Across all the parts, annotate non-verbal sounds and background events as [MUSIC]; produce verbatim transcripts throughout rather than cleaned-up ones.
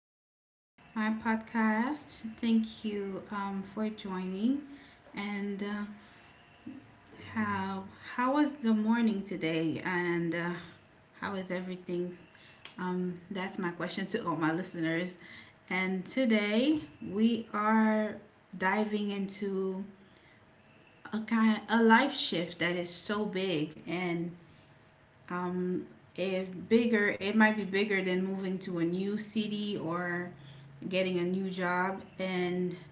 to my podcast. Thank you um, for joining. And uh, how how was the morning today? And uh, how is everything? Um, that's my question to all my listeners. And today we are diving into a kind a life shift that is so big and um, it bigger it might be bigger than moving to a new city or getting a new job, and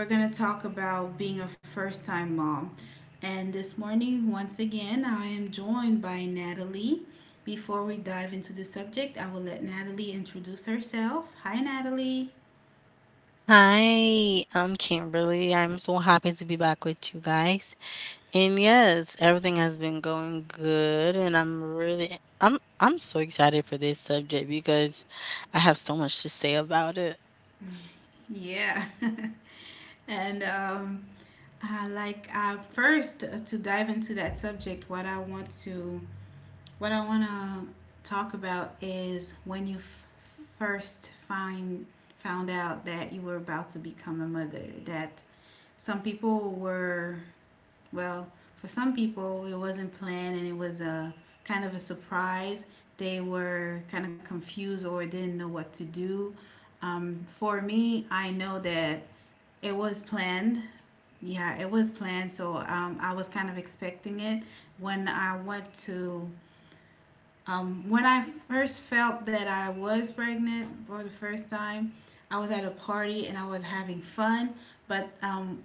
we're going to talk about being a first time mom. And this morning, once again, I am joined by Natalie. Before we dive into the subject, I will let Natalie introduce herself. Hi, Natalie. Hi, I'm Kimberly. I'm so happy to be back with you guys. And yes, everything has been going good and I'm really I'm I'm so excited for this subject because I have so much to say about it. Yeah. [LAUGHS] And um, I like uh, first uh, to dive into that subject, what i want to what I want to talk about is when you f- first find found out that you were about to become a mother. That Some people were well, for some people it wasn't planned and it was a kind of a surprise. They were kind of confused or didn't know what to do. Um, for me, I know that it was planned. Yeah, it was planned. So um, I was kind of expecting it when I went to um, when I first felt that I was pregnant for the first time, I was at a party and I was having fun, but um,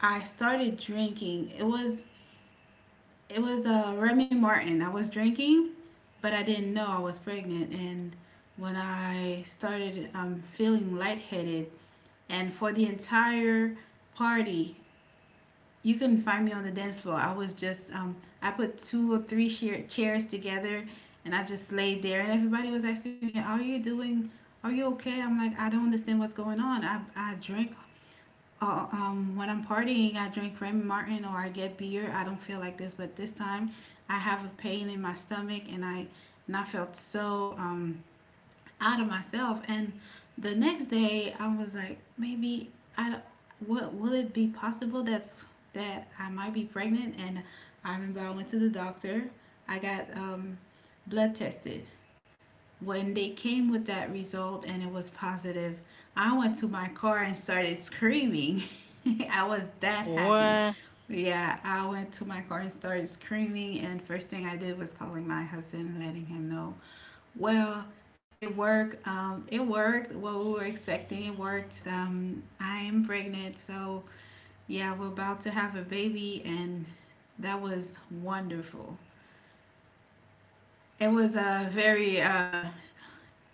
I started drinking. It was it was a uh, Remy Martin I was drinking, but I didn't know I was pregnant. And when I started um, feeling lightheaded, and for the entire party, you couldn't find me on the dance floor. I was just um, I put two or three chair- chairs together, and I just laid there. And everybody was asking me, "Are you doing? Are you okay?" I'm like, I don't understand what's going on. I I drink. Uh, um, when I'm partying, I drink Remy Martin or I get beer. I don't feel like this, but this time I have a pain in my stomach, and I and I felt so um, out of myself. And the next day, I was like, maybe I what will it be possible that's that I might be pregnant? And I remember I went to the doctor. I got um, blood tested. When they came with that result and it was positive, I went to my car and started screaming. [LAUGHS] I was that happy. What? Yeah, I went to my car and started screaming. And first thing I did was calling my husband and letting him know well, it worked. Um, it worked what we were expecting. It worked. Um, I am pregnant, so yeah, we're about to have a baby, and that was wonderful. It was a very. Uh,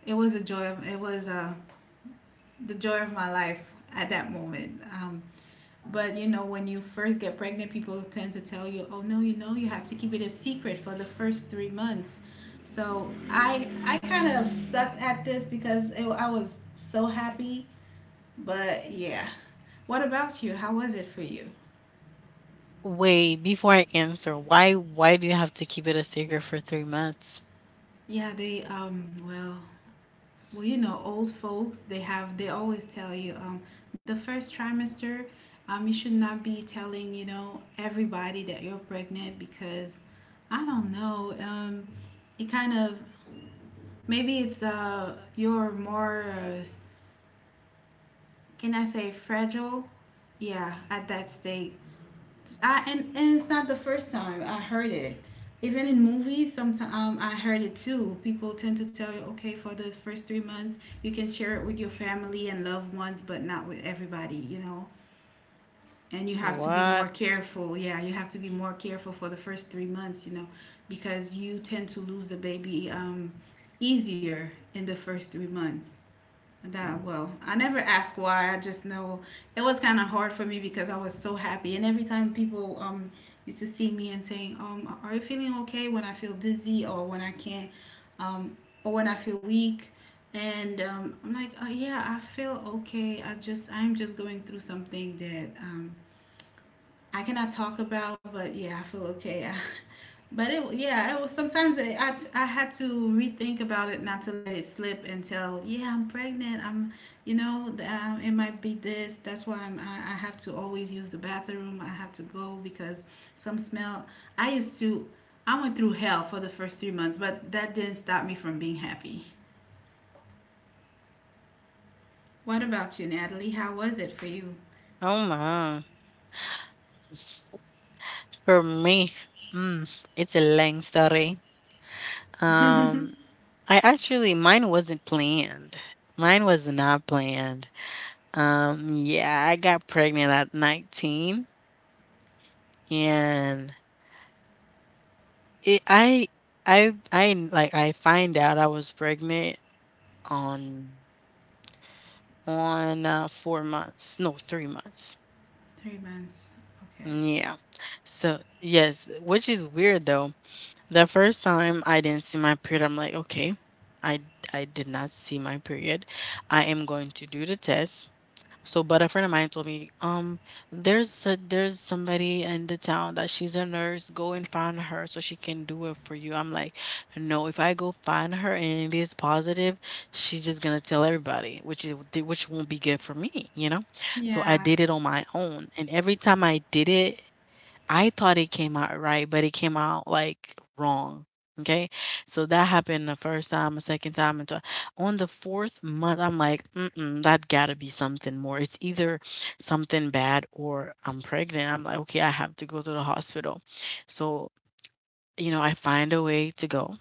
It was a joy. Of, it was uh, the joy of my life at that moment. Um, But you know, when you first get pregnant, people tend to tell you, "Oh no, you know, you have to keep it a secret for the first three months." So I I kind of sucked at this because it, I was so happy. But yeah, what about you? How was it for you? Wait, before I answer, why why do you have to keep it a secret for three months? Yeah, they um well well, you know, old folks, they have they always tell you um the first trimester, um you should not be telling, you know, everybody that you're pregnant, because I don't know, um it kind of, maybe it's uh you're more, uh, can I say fragile? Yeah, at that state. I and, and it's not the first time I heard it. Even in movies, sometimes um, I heard it too. People tend to tell you, okay, for the first three months, you can share it with your family and loved ones, but not with everybody, you know. And you have to be more What? careful. Yeah, you have to be more careful for the first three months, you know, because you tend to lose a baby um, easier in the first three months. That Well, I never asked why. I just know it was kind of hard for me because I was so happy, and every time people um used to see me and saying, um, are you feeling okay? When I feel dizzy or when I can't, um, or when I feel weak, and um, I'm like, oh yeah, I feel okay. I just I'm just going through something that um I cannot talk about, but yeah, I feel okay. But it, yeah, it was sometimes it, I, I had to rethink about it, not to let it slip until, yeah, I'm pregnant. I'm, you know, um, it might be this. That's why I'm, I, I have to always use the bathroom. I have to go because some smell. I used to, I went through hell for the first three months, but that didn't stop me from being happy. What about you, Natalie? How was it for you? Oh my. For me, mm, it's a long story. Um I actually mine wasn't planned. Mine was not planned. Um, yeah, I got pregnant at nineteen and it, I I I like I find out I was pregnant on on uh, four months. No, three months. Three months. Okay. Yeah. So, yes, which is weird though. The first time I didn't see my period, I'm like, okay, I I did not see my period. I am going to do the test. So, but a friend of mine told me, um, there's a, there's somebody in the town that she's a nurse. Go and find her so she can do it for you. I'm like, no. If I go find her and it is positive, she's just gonna tell everybody, which is which won't be good for me, you know. So I did Yeah. it on my own, and every time I did it, I thought it came out right, but it came out, like, wrong, okay? So that happened the first time, the second time, and so on the fourth month, I'm like, "Mm-mm, that gotta be something more. It's either something bad or I'm pregnant." I'm like, "Okay, I have to go to the hospital." So you know, I find a way to go.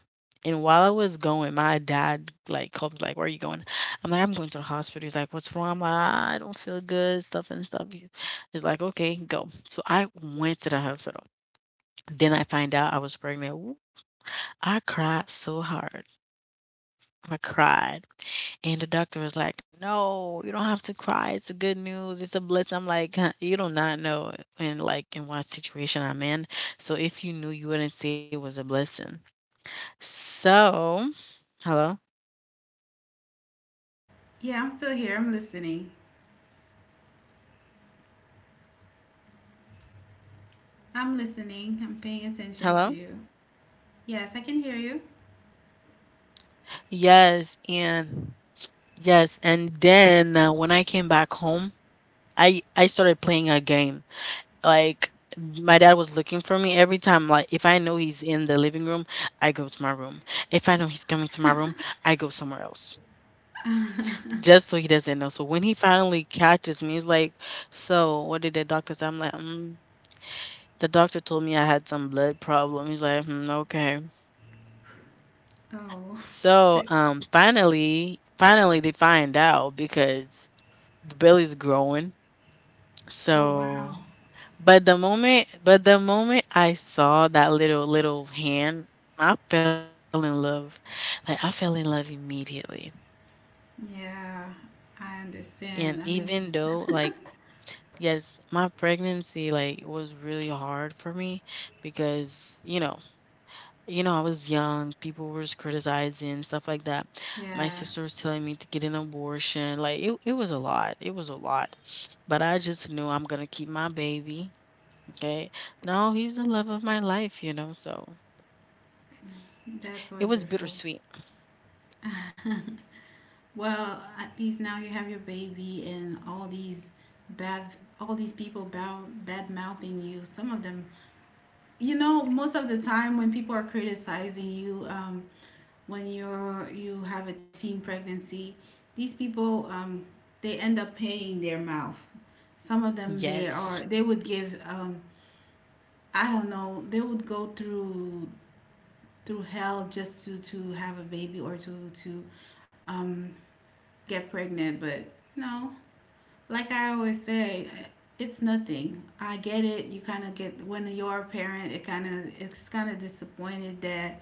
And while I was going, my dad like called me, like, "Where are you going?" I'm like, "I'm going to the hospital." He's like, "What's wrong?" I'm like, "I don't feel good, stuff and stuff." He- He's like, "Okay, go." So I went to the hospital. Then I find out I was pregnant. Woo, I cried so hard. I cried. And the doctor was like, "No, you don't have to cry. It's a good news. It's a blessing." I'm like, "Huh, you do not know, and like in what situation I'm in. So if you knew, you wouldn't say it was a blessing." So, hello, Yeah, I'm still here. I'm listening. hello, I'm hello. listening. I'm paying attention to you. Yes, I can hear you. Yes, and yes, and then uh, when I came back home, I I started playing a game. Like my dad was looking for me every time. Like if I know he's in the living room, I go to my room. If I know he's coming to my room, I go somewhere else. Just so he doesn't know. So when he finally catches me, he's like, "So what did the doctor say?" I'm like, mm, "The doctor told me I had some blood problem." He's like, hmm, "Okay." Oh, [LAUGHS] So, so- um, finally, finally they find out because the belly's growing. oh So, wow. but the moment, but the moment I saw that little little hand, I fell in love. Like I fell in love immediately. Yeah, I And understand. I even mean, though, like, yes, my pregnancy like was really hard for me because you know You know, I was young. People were just criticizing stuff like that. My yeah, sister was telling me to get an abortion. Like it, it was a lot. It was a lot. But I just knew I'm gonna keep my baby. Okay. No, he's the love of my life. You know. So that's it was wonderful. bittersweet. [LAUGHS] Well, at least now you have your baby and all these bad all these people bad bad mouthing you. Some of them, you know, most of the time when people are criticizing you, um, when you're you have a teen pregnancy, these people um, they end up paying their mouth. Some of them they are they Yes. would give um, I don't know. They would go through through hell just to to have a baby or to to um, get pregnant, but no, like I always say, it's nothing. I get it. You kind of get when you're a parent, it kind of, it's kind of disappointed that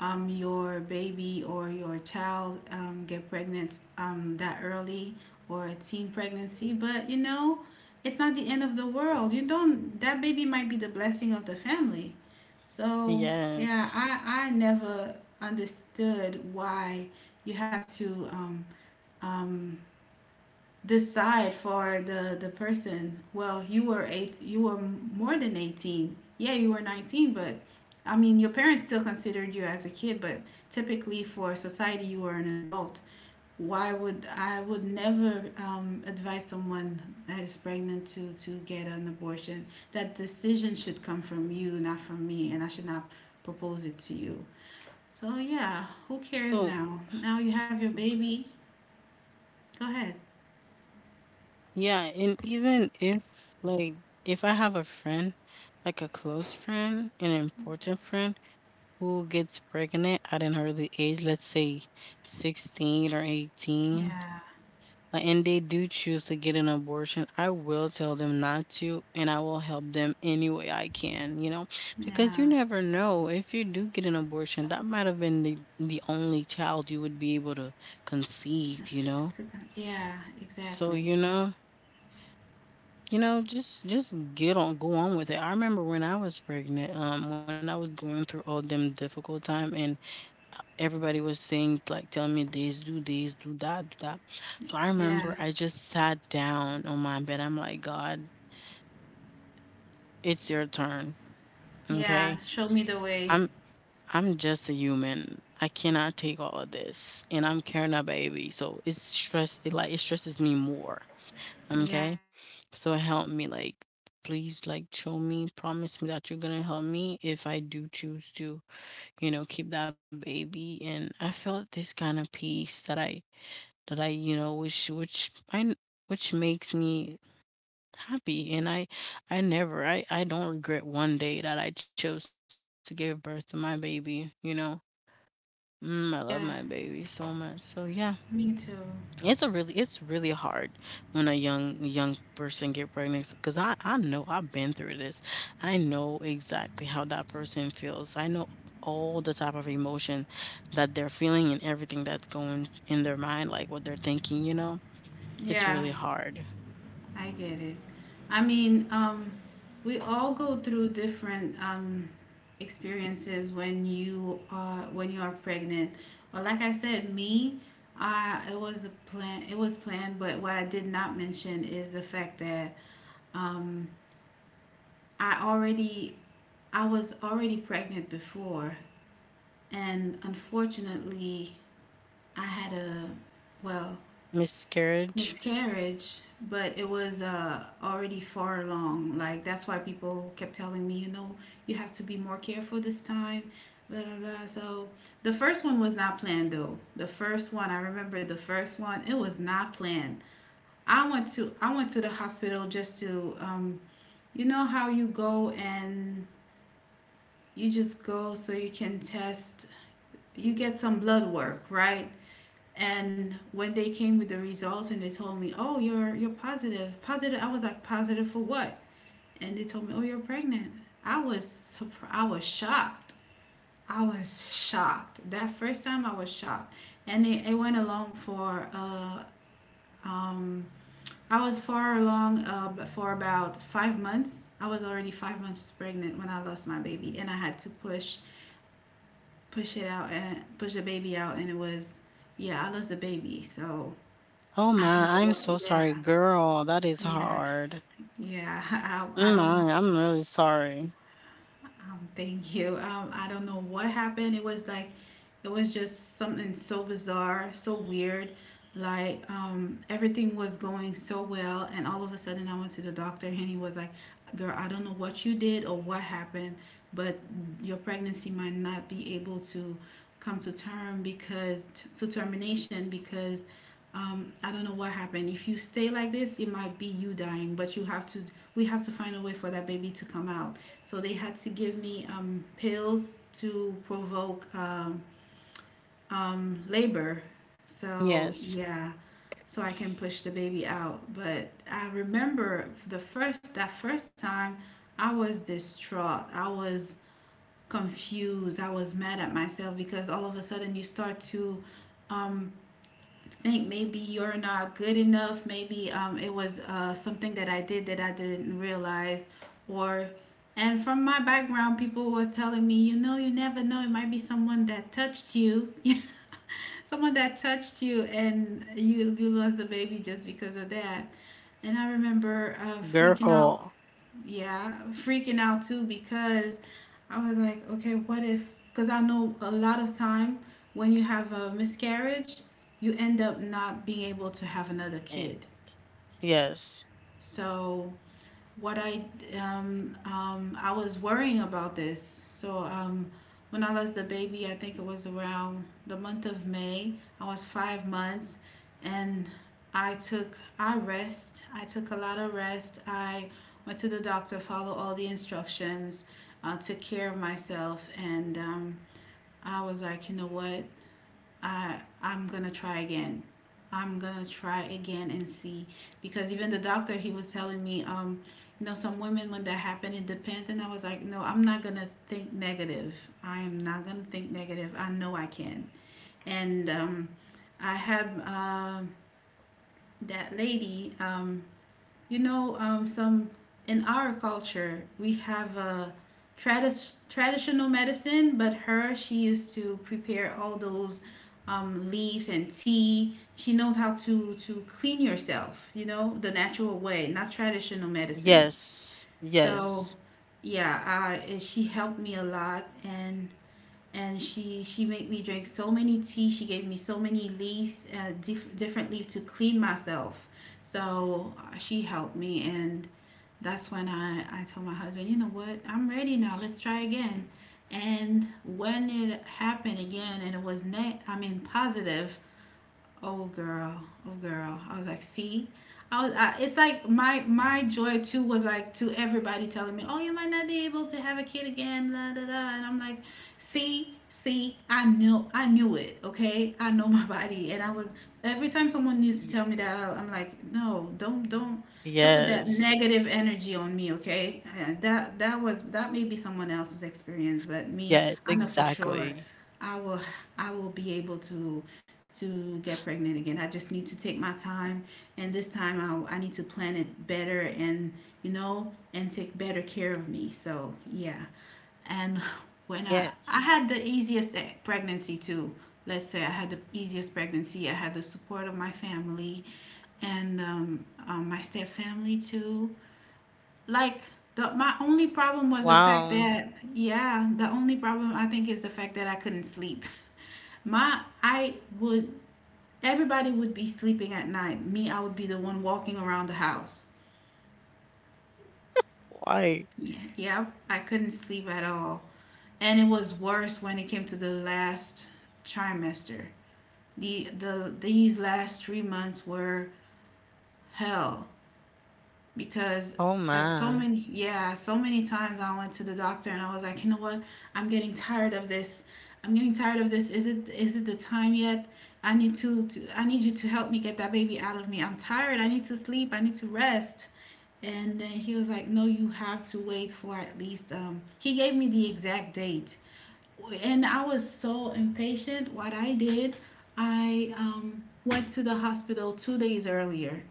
um your baby or your child um get pregnant um that early or a teen pregnancy, but you know, it's not the end of the world. You don't, that baby might be the blessing of the family. So yeah, Yes. I I never understood why you have to um um decide for the the person. well you were eight you were more than eighteen. Yeah, you were nineteen. But I mean, your parents still considered you as a kid, but typically for society, you were an adult. Why would I would never um, advise someone that is pregnant to to get an abortion. That decision should come from you, not from me, and I should not propose it to you. So yeah, who cares? now So Now you have your baby. Go ahead. yeah, and even if like if I have a friend, like a close friend, an important friend who gets pregnant at an early age, let's say sixteen or eighteen, Yeah, uh, and they do choose to get an abortion, I will tell them not to and I will help them any way I can, you know, because you yeah. never know. If you do get an abortion, that might have been the, the only child you would be able to conceive, you To know? God. Yeah, So, exactly. you know, you know just just get on go on with it. I remember when I was pregnant, um when I was going through all them difficult time and everybody was saying, like, tell me this, do this, do that, do that. So I Yeah, remember I just sat down on my bed. I'm like, God, it's your turn. yeah. Okay, Show me the way. i'm i'm just a human, I cannot take all of this, and I'm carrying a baby, so it's stress it like it stresses me more. Yeah, Okay, so help me, like, please, like, show me, promise me that you're gonna help me if I do choose to you know, keep that baby. And I felt this kind of peace that I that I, you know, which which I n- which makes me happy. And I I never I I don't regret one day that I chose to give birth to my baby. You know, mm, I love my yeah. baby so much. So yeah. Me too. It's a really it's really hard when a young young person get pregnant because I I know I've been through this. I know exactly how that person feels. I know all the type of emotion that they're feeling and everything that's going in their mind, like what they're thinking. You know, it's Yeah, really hard. I get it. I mean, um, we all go through different um, experiences when you are when you are pregnant. Well, like I said, me, uh, it was a plan. It was planned. But what I did not mention is the fact that um, I already I was already pregnant before, and unfortunately, I had a, well, Miscarriage. miscarriage, but it was uh, already far along. Like, that's why people kept telling me, you know, you have to be more careful this time. Blah, blah, blah. So the first one was not planned though. The first one, I remember the first one, it was not planned. I went to I went to the hospital just to, um you know how you go and you just go so you can test, you get some blood work, right? And when they came with the results and they told me, oh, you're you're positive, positive, I was like, positive for what? And they told me, oh, you're pregnant. I was surprised, I was shocked, i was shocked that first time, I was shocked. And it, it went along for uh um I was far along, uh, for about five months. I was already five months pregnant when I lost my baby, and I had to push push it out and push the baby out. And it was, yeah, I lost the baby. So Oh I don't know my, I'm so what. Yeah, sorry, girl. That is yeah, hard. yeah. [LAUGHS] I, I I don't know. My, I'm really sorry. Um, thank you. Um, I don't know what happened. It was like, it was just something so bizarre, so weird. Like, um, everything was going so well, and all of a sudden, I went to the doctor, and he was like, girl, I don't know what you did or what happened, but your pregnancy might not be able to come to term, because to termination because um, I don't know what happened. If you stay like this, it might be you dying, but you have to, we have to find a way for that baby to come out. So they had to give me um, pills to provoke um, um, labor. So Yes, yeah, so I can push the baby out. But I remember the first that first time, I was distraught. I was confused. I was mad at myself because all of a sudden you start to um, think maybe you're not good enough. Maybe um, it was uh, something that I did that I didn't realize, or and from my background, people was telling me, you know, you never know. It might be someone that touched you, [LAUGHS] someone that touched you, and you you lost the baby just because of that. And I remember uh, freaking out, girl. yeah, freaking out too because I was like, okay, what if? Because I know a lot of time when you have a miscarriage, you end up not being able to have another Eh, kid. yes. So what I um, um, I was worrying about this. So um, when I was the baby, I think it was around the month of May. I was five months, and I took I rest. I took a lot of rest. I went to the doctor, followed all the instructions, uh, took care of myself, and um, I was like, you know what? I I'm gonna try again. I'm gonna try again and see, because even the doctor, he was telling me, um you know, some women when that happened, it depends. And I was like, no, I'm not gonna think negative. I am not gonna think negative. I know I can. And um I have, um that lady, um you know, um, some, in our culture, we have a tradi- traditional medicine, but her, she used to prepare all those um, leaves and tea. She knows how to to clean yourself, you know, the natural way, not traditional medicine. Yes. So Yes. yeah, I, eh, she helped me a lot, and and she she made me drink so many tea. She gave me so many leaves, uh, diff- different leaf to clean myself. So uh, she helped me, and that's when I, I told my husband, you know what, I'm ready now. Let's try again. And when it happened again, and it was net, I mean, positive. Oh girl, oh girl. I was like, see, I was. I, it's like my my joy too was like to everybody telling me, oh, you might not be able to have a kid again, da da da. And I'm like, see, see, I knew, I knew it. Okay, I know my [LAUGHS] Y- body. And I was every time someone used to tell me that, I, I'm like, Yes. no, don't, don't. Don't put that negative energy on me, okay? Uh, that that was, that may be Yes, someone else's experience, exactly. but me, I know for sure, I will I will be able to to get pregnant again. I just need to take my time, and this time I, I need to plan it better and, you know, and take better care of me. So yeah, and Yes. when I I had the easiest e- pregnancy too. Let's say I had the easiest pregnancy. I had the support of my family and um, um, my step family too. Like the my only problem was the Wow. fact that, yeah, the only problem I think is the fact that I couldn't sleep. My I would Everybody would be sleeping at night. Me, I would be the one walking around the house. Why? Yeah, yeah, I couldn't sleep at all. And it was worse when it came to the last trimester. The, the these last three months were hell, because Oh at so my. many, yeah, so many times I went to the doctor and I was like, you know what, I'm getting tired of this. I'm getting tired of this. Is it, is it the time yet? I need to, to I need you to help me get that baby out of me. I'm tired. I need to sleep. I need to rest. And then he was like, "No, you have to wait for at least." Um, he gave me the exact date, and I was so impatient. What I did, I um, went to the hospital two days earlier.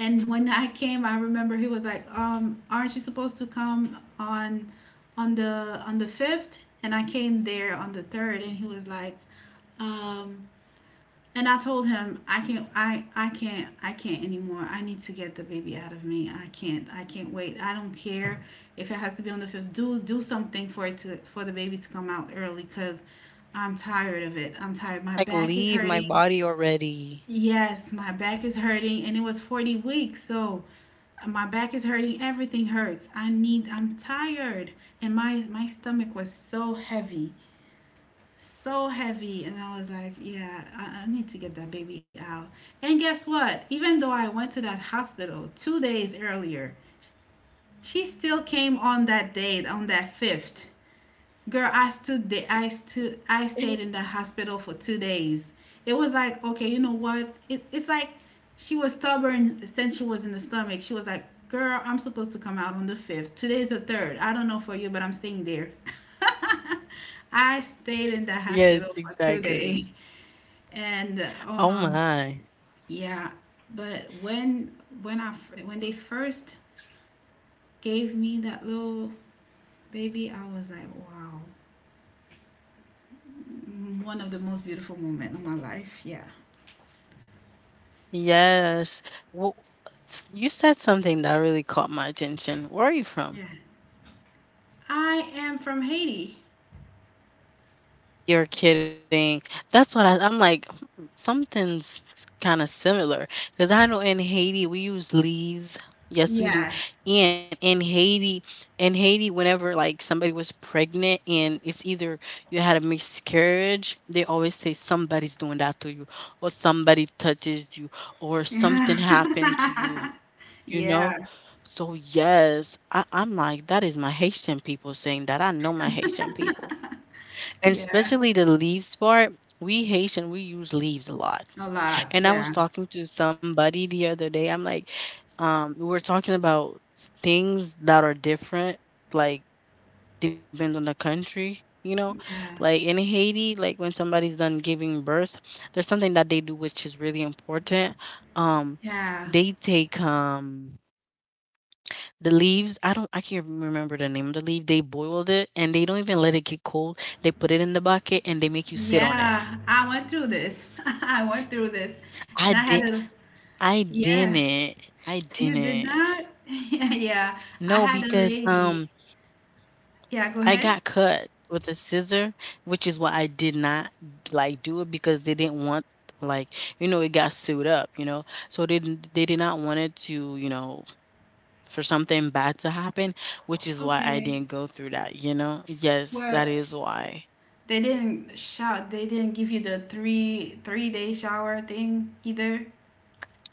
And when I came, I remember he was like, um, "Aren't you supposed to come on, on the on the fifth?" And I came there on the third, and he was like, um, and I told him, I can't I I can't I can't anymore. I need to get the baby out of me. I can't I can't wait. I don't care if it has to be on the fifth. Do do something for it to for the baby to come out early, because I'm tired of it. I'm Like tired. My leave my back is body hurting. already. Yes, my back is hurting, and it was forty weeks. So my back is hurting. Everything hurts. I need I'm tired, and my my stomach was so heavy, so heavy. And I was like, yeah, I, I need to get that baby out. And guess what, even though I went to that hospital two days earlier, she still came on that date, on that fifth. Girl, I stood there. I stood. I stayed in the hospital for two days. It was like, okay, you know what? It, it's like she was stubborn since she was in the stomach. She was like, girl, I'm supposed to come out on the fifth. Today's the third. I don't know for you, but I'm staying there. [LAUGHS] I stayed in the Yes, hospital for two exactly. days, and Oh um, my. yeah. But when when I fir- when they first gave me that little baby, I was like, wow. Mm, one of the most beautiful moments of my life. Yeah. Yes. Well, you said something that really caught my attention. Where are you Yeah. from? I am from Haiti. You're kidding. That's what I, I'm like, hmm, something's kind of similar. Because I know in Haiti, we use leaves. Yes, we do. Yeah. And in Haiti, in Haiti, whenever like somebody was pregnant and it's either you had a miscarriage, they always say somebody's doing that to you, or somebody touches you, or something Yeah. happened to you, [LAUGHS] you know? yeah. So, yes, I, I'm like, that is my Haitian people saying that. I know my Haitian people. And Yeah. especially the leaves part, we Haitian, we use leaves a lot. A lot. And I was Yeah. talking to somebody the other day. I'm like, um, we were talking about s- things that are different, like depend on the country, you know? Yeah. Like in Haiti, like when somebody's done giving birth, there's something that they do which is really important. Um, Yeah. they take um the leaves, I don't I can't remember the name of the leaf. They boiled it and they don't even let it get cold. They put it in the bucket and they make you sit on it. Yeah. I went through this. [LAUGHS] I went through this. I And I had did a, I yeah. didn't. I You did didn't. not? [LAUGHS] Yeah. I No, had a because lady. um Yeah, go I ahead. got cut with a scissor, which is why I did not, like, do it because they didn't want, like, you know it got sewed up, you know. So they didn't, they did not want it to, you know, for something bad to happen, which is why I Okay. didn't go through that, you know? Yes, that Well, is why. they didn't shout. They didn't give you the three three day shower thing either.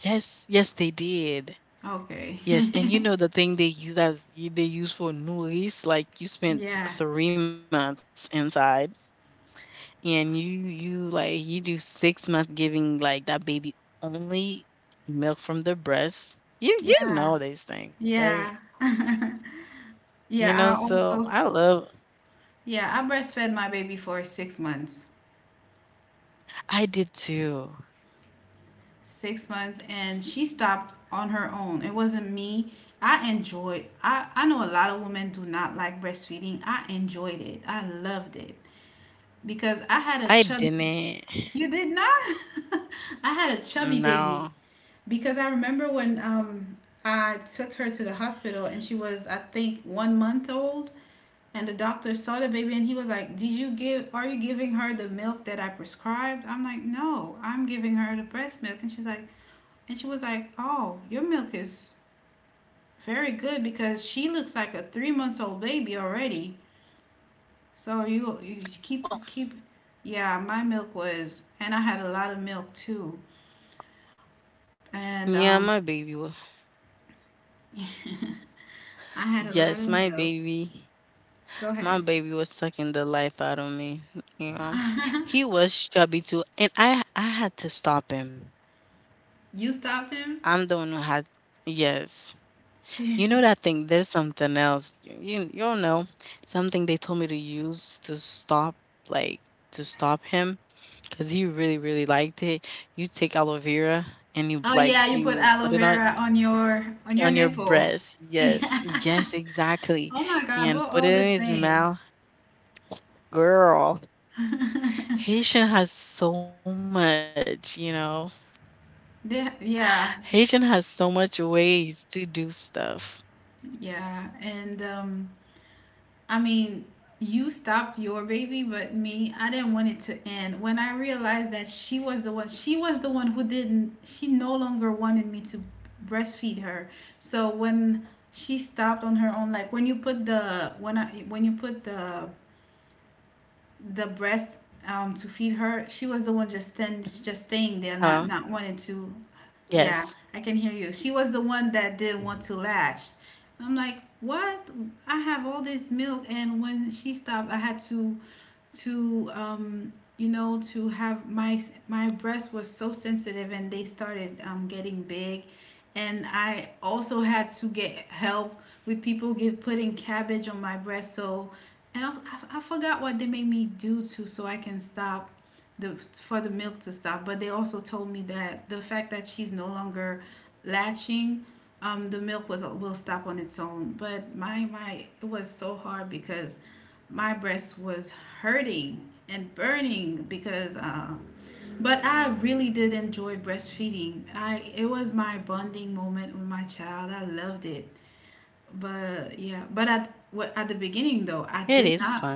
Yes, yes, they did. Okay. Yes, and you [LAUGHS] know the thing they use as you- they use for noise, like you spent Yeah. three months inside, and you you like you do six months giving like that baby only milk from the breast. You you Yeah. know these things, right? Yeah. [LAUGHS] You Yeah, know, I also so I s- love. yeah, I breastfed my baby for six months. I did too. six months, and she stopped on her own. It wasn't me. I enjoyed. I I know a lot of women do not like breastfeeding. I enjoyed it. I loved it because I had a I chubby— didn't. [SIGHS] You did not? [LAUGHS] I had a chubby No. baby because I remember when um I took her to the hospital and she was, I think, one month old, and the doctor saw the baby and he was like, did you give are you giving her the milk that I prescribed? I'm like, no, I'm giving her the breast milk. And she's like, and she was like, oh, your milk is very good, because she looks like a three months old baby already. So you, you Well, keep keep, yeah, my milk was, and I had a lot of milk too. And yeah, um my baby was. [LAUGHS] I had a lot of Yes, my milk. baby. Go ahead. My baby was sucking the life out of me, you know. He [LAUGHS] was chubby too, and I I had to stop him. You stopped him. I'm the one who had, yes. You know [LAUGHS] that thing? There's something else. You you, you don't know something they told me to use to stop like to stop him because he really really liked it. You take aloe vera and you Oh yeah, like you put you aloe put it on vera on your on your on your nipple. [LAUGHS] breast. Yes, yes, exactly, Oh my God, we're and put all it the in his same. mouth, girl. [LAUGHS] Haitian has so much, you know. They- [SIGHS] Haitian yeah, has so much ways to do stuff. yeah. And um, I mean, you stopped your baby, but me, I didn't want it to end. When I realized that she was the one, she was the one who didn't, she no longer wanted me to breastfeed her. So when she stopped on her own, like when you put the when I when you put the the breast um, to feed her. She was the one just stand, Hello? just staying there, not not wanting to. Yes. Yeah, I can hear you. She was the one that didn't want to latch. I'm like, what? I have all this milk, and when she stopped, I had to to, um you know, to have my— my breast was so sensitive, and they started um getting big. And I also had to get help with people give putting cabbage on my breast. So and I, was- I, I forgot what they made me do, to so I can stop the for the milk to stop. But they also told me that the fact that she's no longer latching, um, the milk was will stop on its own. But my my, it was so hard, because my breast was hurting and burning because— uh, but I really did enjoy breastfeeding. I it was my bonding moment with my child. I loved it. But yeah, but at what It at the is beginning fun. though, I did not,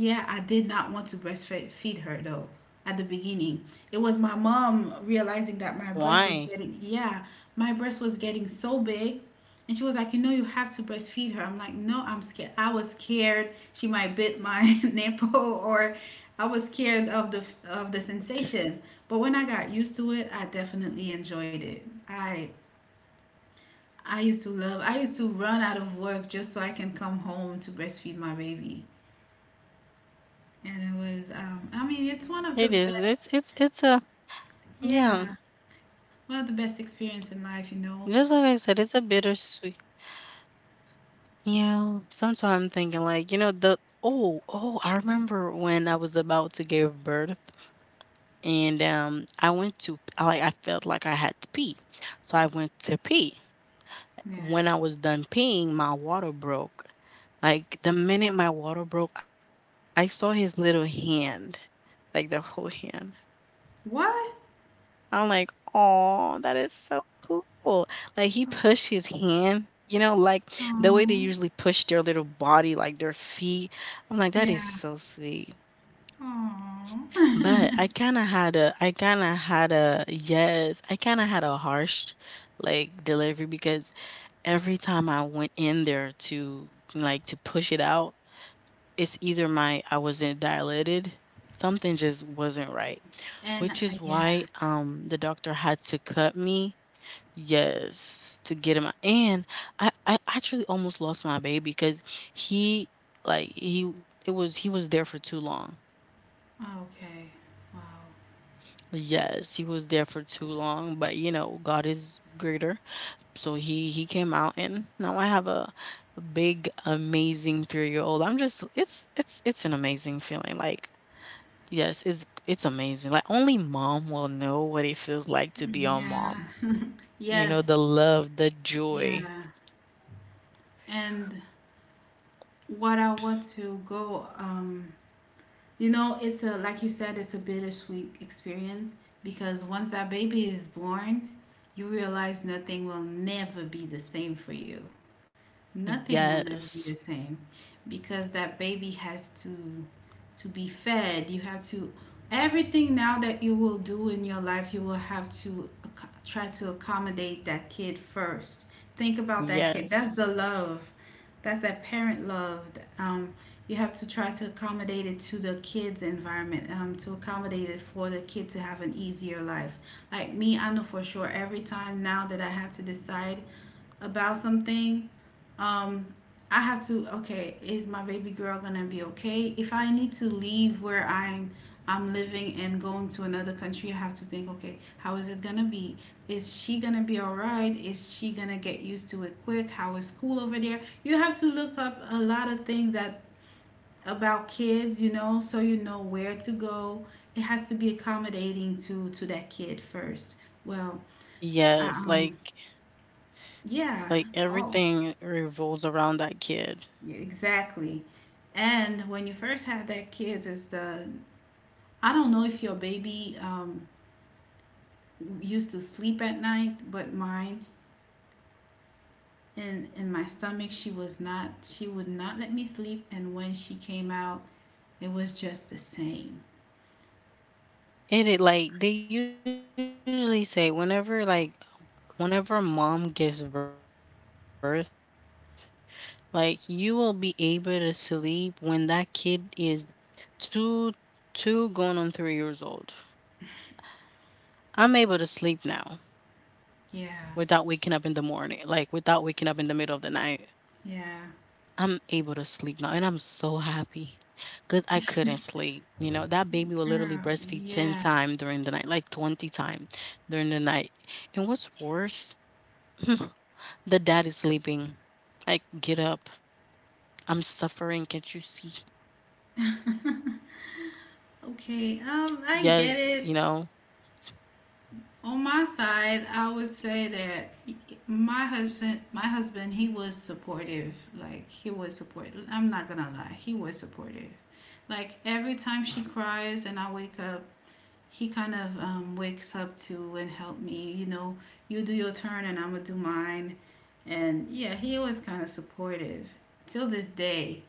yeah, I did not want to breastfeed her though, at the beginning. It was my mom realizing that Why? my breast was getting, yeah, my breast was getting so big. And she was like, you know, you have to breastfeed her. I'm like, no, I'm scared. I was scared she might bit my [LAUGHS] nipple, or I was scared of the of the sensation. But when I got used to it, I definitely enjoyed it. I I used to love. I used to run out of work just so I can come home to breastfeed my baby. And it was, um, I mean, it's one It of the is. It's best, it's it's a, yeah. yeah, one of the best experience in life, you know. Just like I said, it's a bittersweet. Yeah. Sometimes I'm thinking, like, you know, the oh, oh, I remember when I was about to give birth and um I went to I like I felt like I had to pee. So I went to pee. Yeah. When I was done peeing, my water broke. Like the minute my water broke, I saw his little hand, like the whole hand. What? I'm like, oh, that is so cool. Like he pushed his hand, you know, like the way they Oh, usually push their little body, like their feet. I'm like, that yeah. is so sweet. But Oh. I [LAUGHS] kind of had a, I kind of had a, yes, I kind of had a harsh like delivery because every time I went in there to, like, to push it out, it's either my I wasn't dilated, something just wasn't right, And which uh, is yeah. why, um, the doctor had to cut me. Yes, to get him. And I I actually almost lost my baby because he, like, he it was he was there for too long. Okay. Wow. Yes, he was there for too long, but, you know, God is greater. So he he came out, and now I have a a big amazing three-year-old. I'm just it's it's it's an amazing feeling. Like yes, it's it's amazing. Like only mom will know what it feels like to be a Yeah. mom. You Yes. know, the love, the joy. Yeah. And what I want to go, um, you know, it's a, like you said, it's a bittersweet experience because once that baby is born, you realize nothing will never be the same for you. Nothing will never be the Yes. same because that baby has to to be fed. You have to everything now that you will do in your life, you will have to ac- try to accommodate that kid first. Think about that kid. That's the Yes. love. That's that parent love. Um, you have to try to accommodate it to the kid's environment, um, to accommodate it for the kid to have an easier life. Like me, I know for sure every time now that I have to decide about something, um, I have to okay, is my baby girl gonna be okay? If I need to leave where I'm I'm living and going to another country, I have to think, okay, how is it gonna be? Is she gonna be alright? Is she gonna get used to it quick? How is school over there? You have to look up a lot of things that about kids, you know, so you know where to go. It has to be accommodating to to that kid first. Well, Yes, um, like like yeah. Oh. everything revolves around that kid. Yeah, exactly. And when you first have that kid, it's the I don't know if your baby um, used to sleep at night, but mine in in my stomach, she was not. She would not let me sleep, and when she came out, it was just the same. And it like they usually say whenever like whenever mom gives birth, like you will be able to sleep when that kid is two, two going on three years old. I'm able to sleep now Yeah, without waking up in the morning, like without waking up in the middle of the night. yeah, I'm able to sleep now, and I'm so happy because I couldn't sleep. You know, that girl, baby will literally yeah. [LAUGHS] breastfeed ten times during the night, like twenty times during the night. And what's worse, [LAUGHS] the dad is sleeping. Like, get up. I'm suffering. Can't you see? Okay, um, I get it. Yes, you know. On my side, I would say that my husband, my husband, he was supportive. Like he was supportive. I'm not gonna lie, he was supportive. Like every time she cries and I wake up, he kind of um, wakes up to and help me. You know, you do your turn and I'm gonna do mine. And yeah, he was kind of supportive till this day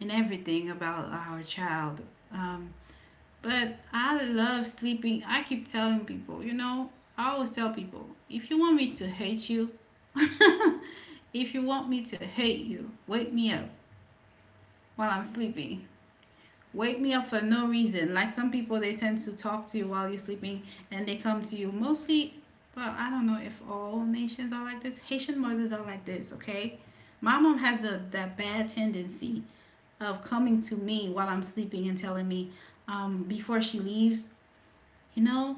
in everything about our child. Um, but I love sleeping. I keep telling people, you know, I always tell people, if you want me to hate you, [LAUGHS] if you want me to hate you, wake me up while I'm sleeping. Wake me up for no reason. Like some people, they tend to talk to you while you're sleeping and they come to you mostly. Well, I don't know if all nations are like this. Haitian mothers are like this, okay? My mom has the, that bad tendency of coming to me while I'm sleeping and telling me um, before she leaves, you know,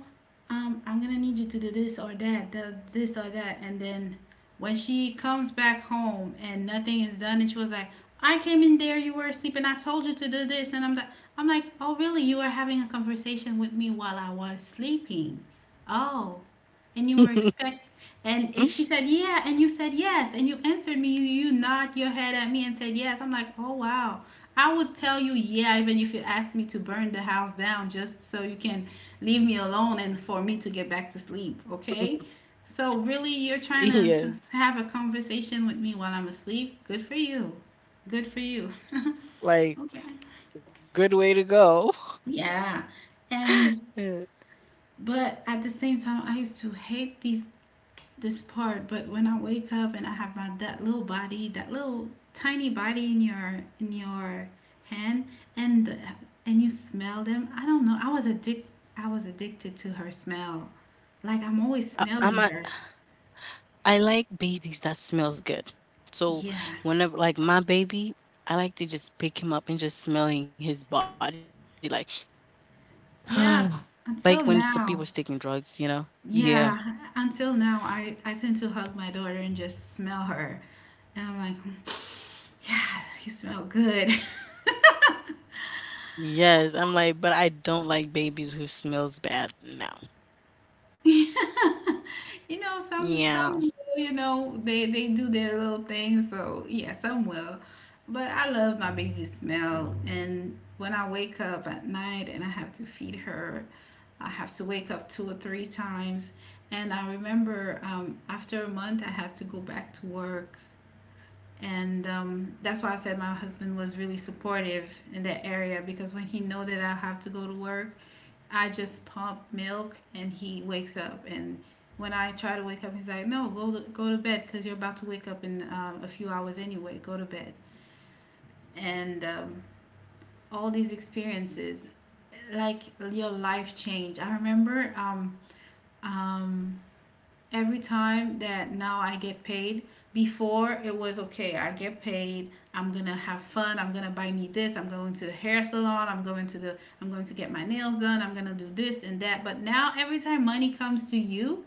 um, I'm gonna need you to do this or that, the, this or that. And then when she comes back home and nothing is done, and she was like, I came in there, you were asleep, and I told you to do this. And I'm like, I'm like, oh, really? You were having a conversation with me while I was sleeping. Oh, and you were expect, [LAUGHS] and it- she said, yeah, and you said yes, and you answered me. You, you nod your head at me and said yes. I'm like, oh wow. I would tell you yeah, even if you asked me to burn the house down just so you can leave me alone and for me to get back to sleep, okay? So really, you're trying to, to Yes. have a conversation with me while I'm asleep? Good for you. Good for you. [LAUGHS] Like, Okay. good way to go. [LAUGHS] Yeah. And Yeah. but at the same time I used to hate these this part, but when I wake up and I have my that little body, that little tiny body in your in your hand, and the, and you smell them. I don't know. I was addict. I was addicted to her smell. Like I'm always I, I'm smelling a, her. I like babies that smells good. So Yeah, whenever like my baby, I like to just pick him up and just smelling his body like [SIGHS] yeah. like when some Until people's taking now, drugs, you know. Yeah. yeah. Until now, I I tend to hug my daughter and just smell her, and I'm like, "Hmm, yeah, you smell good." [LAUGHS] Yes, I'm like, but I don't like babies who smells bad. No. [LAUGHS] You know, some Yeah. some will, you know, they they do their little thing, so yeah, some will. But I love my baby smell and when I wake up at night and I have to feed her, I have to wake up two or three times. And I remember um, after a month, I had to go back to work. And um, that's why I said my husband was really supportive in that area because when he know that I have to go to work, I just pump milk and he wakes up. And when I try to wake up, he's like, no, go to, go to bed because you're about to wake up in um, a few hours anyway. Go to bed. And um, all these experiences, like your life change. I remember um, um, every time that now I get paid, before it was okay, I get paid, I'm gonna have fun, I'm gonna buy me this, I'm going to the hair salon, I'm going to the I'm going to get my nails done, I'm gonna do this and that. But now every time money comes to you,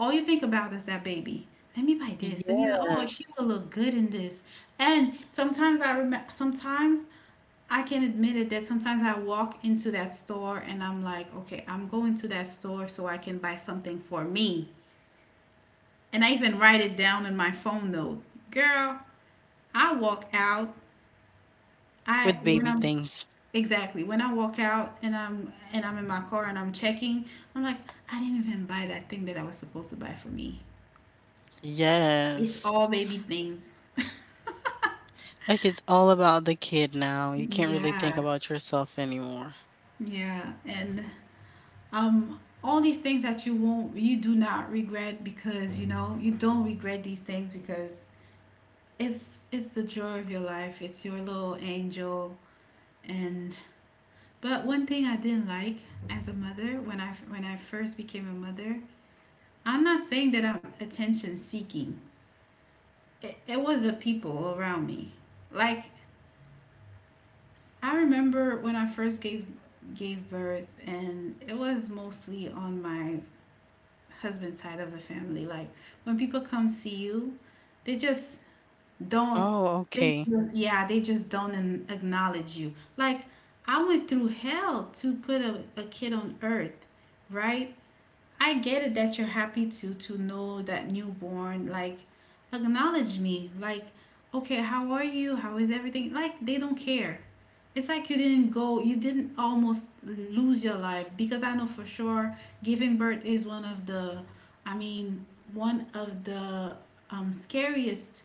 all you think about is that baby. Let me buy this. Let me buy oh Yeah. she will look good in this. And sometimes I remember sometimes I can admit it that sometimes I walk into that store and I'm like, okay, I'm going to that store so I can buy something for me. And I even write it down in my phone note. Girl, I walk out. I With when baby I'm things. exactly when I walk out and I'm and I'm in my car and I'm checking, I'm like, I didn't even buy that thing that I was supposed to buy for me. It's Yes. all baby things. [LAUGHS] Like, it's all about the kid now, you can't really think Yeah, about yourself anymore. yeah. And um all these things that you won't you do not regret because you know, you don't regret these things because it's it's the joy of your life. It's your little angel and but one thing I didn't like as a mother when I when I first became a mother, I'm not saying that I'm attention seeking. It, it was the people around me. Like I remember when I first gave gave birth and it was mostly on my husband's side of the family. Like when people come see you, they just Oh, okay. don't they just, yeah, they just don't an- acknowledge you. Like I went through hell to put a, a kid on earth, right? I get it that you're happy to to know that newborn. Like acknowledge me, like okay, how are you, how is everything? Like they don't care. It's like you didn't go, you didn't almost lose your life, because I know for sure giving birth is one of the I mean one of the um, scariest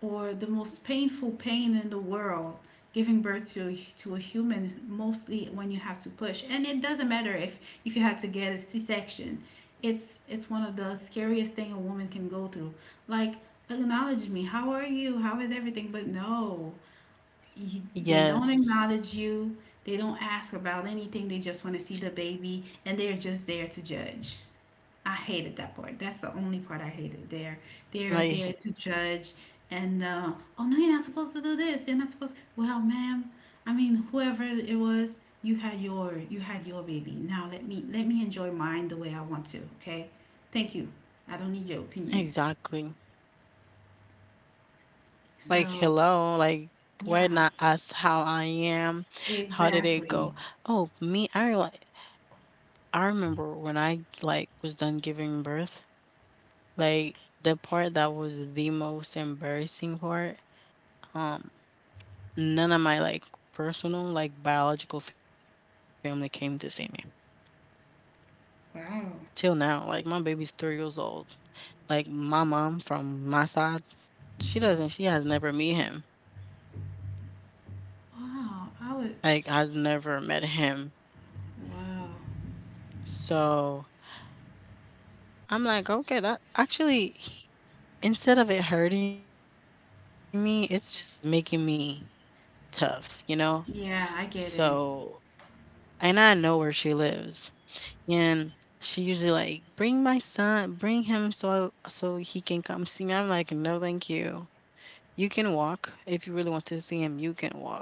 or the most painful pain in the world, giving birth to to a human, mostly when you have to push. And it doesn't matter if if you had to get a c-section, it's it's one of the scariest thing a woman can go through. Like acknowledge me, how are you, how is everything? But no, Yes. you, they don't acknowledge you, they don't ask about anything. They just want to see the baby, and they're just there to judge. I hated that part. That's the only part I hated. Like They're they're there to judge, and uh, oh no, you're not supposed to do this. You're not supposed. Well, ma'am, I mean, whoever it was, you had your you had your baby. Now let me let me enjoy mine the way I want to. Okay, thank you. I don't need your opinion. exactly. Like, So hello, like, why yeah, not ask how I am? How did it exactly. go? Oh, me, I like I remember when I, like, was done giving birth, like, the part that was the most embarrassing part, um, none of my, like, personal, like, biological family came to see me. Till now, Wow. like, my baby's three years old. Like, my mom from my side, she doesn't she has never met him. Wow, I Like, would. I've never met him. Wow. So, I'm like, "Okay, that" actually, he instead of it hurting me, it's just making me tough, you know? Yeah, So, I get it. and I know where she lives, and she usually like, "Bring my son, bring him so so he can come see me." I'm like, "No, thank you. You can walk. If you really want to see him, you can walk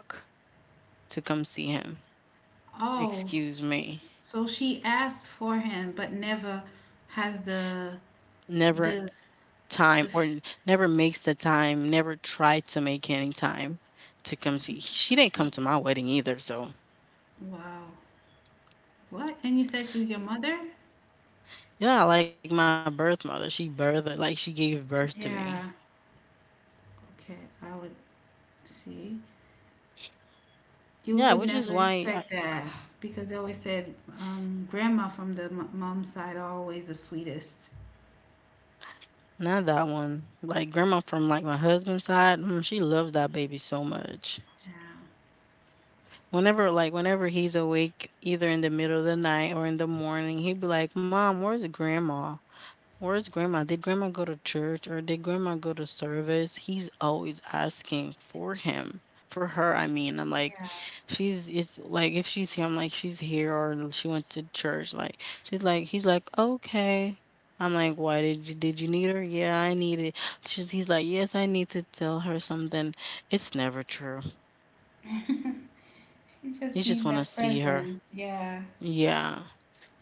to come see him." Oh, Excuse me. so she asked for him, but never has the Never the time the. or f- n- never makes the time, never tried to make any time to to- come see. let's She see. didn't come to my wedding either, so Wow. What? And you said she's your mother? yeah, like my birth mother. She birthed, like she gave birth to Yeah. me. Okay. I would see. You Yeah, would which never is why expect I, that because they always said um, grandma from the m- mom's side are always the sweetest. not that one. Like grandma from like my husband's side, mm, she loves that baby so much. Yeah. Whenever like whenever he's awake, either in the middle of the night or in the morning, he'd be like, "Mom, where's grandma?" Where's grandma? Did grandma go to church or did grandma go to service? He's always asking for him, for her, I mean. I'm like, she's, it's like, if she's here, I'm like, she's here or she went to church. Like, she's like, he's like, okay. I'm like, why did you, did you need her? Yeah, I need it. She's, he's like, yes, I need to tell her something. It's never true. Yeah. [LAUGHS] She You just just need want to that see her. presence. Yeah. Yeah.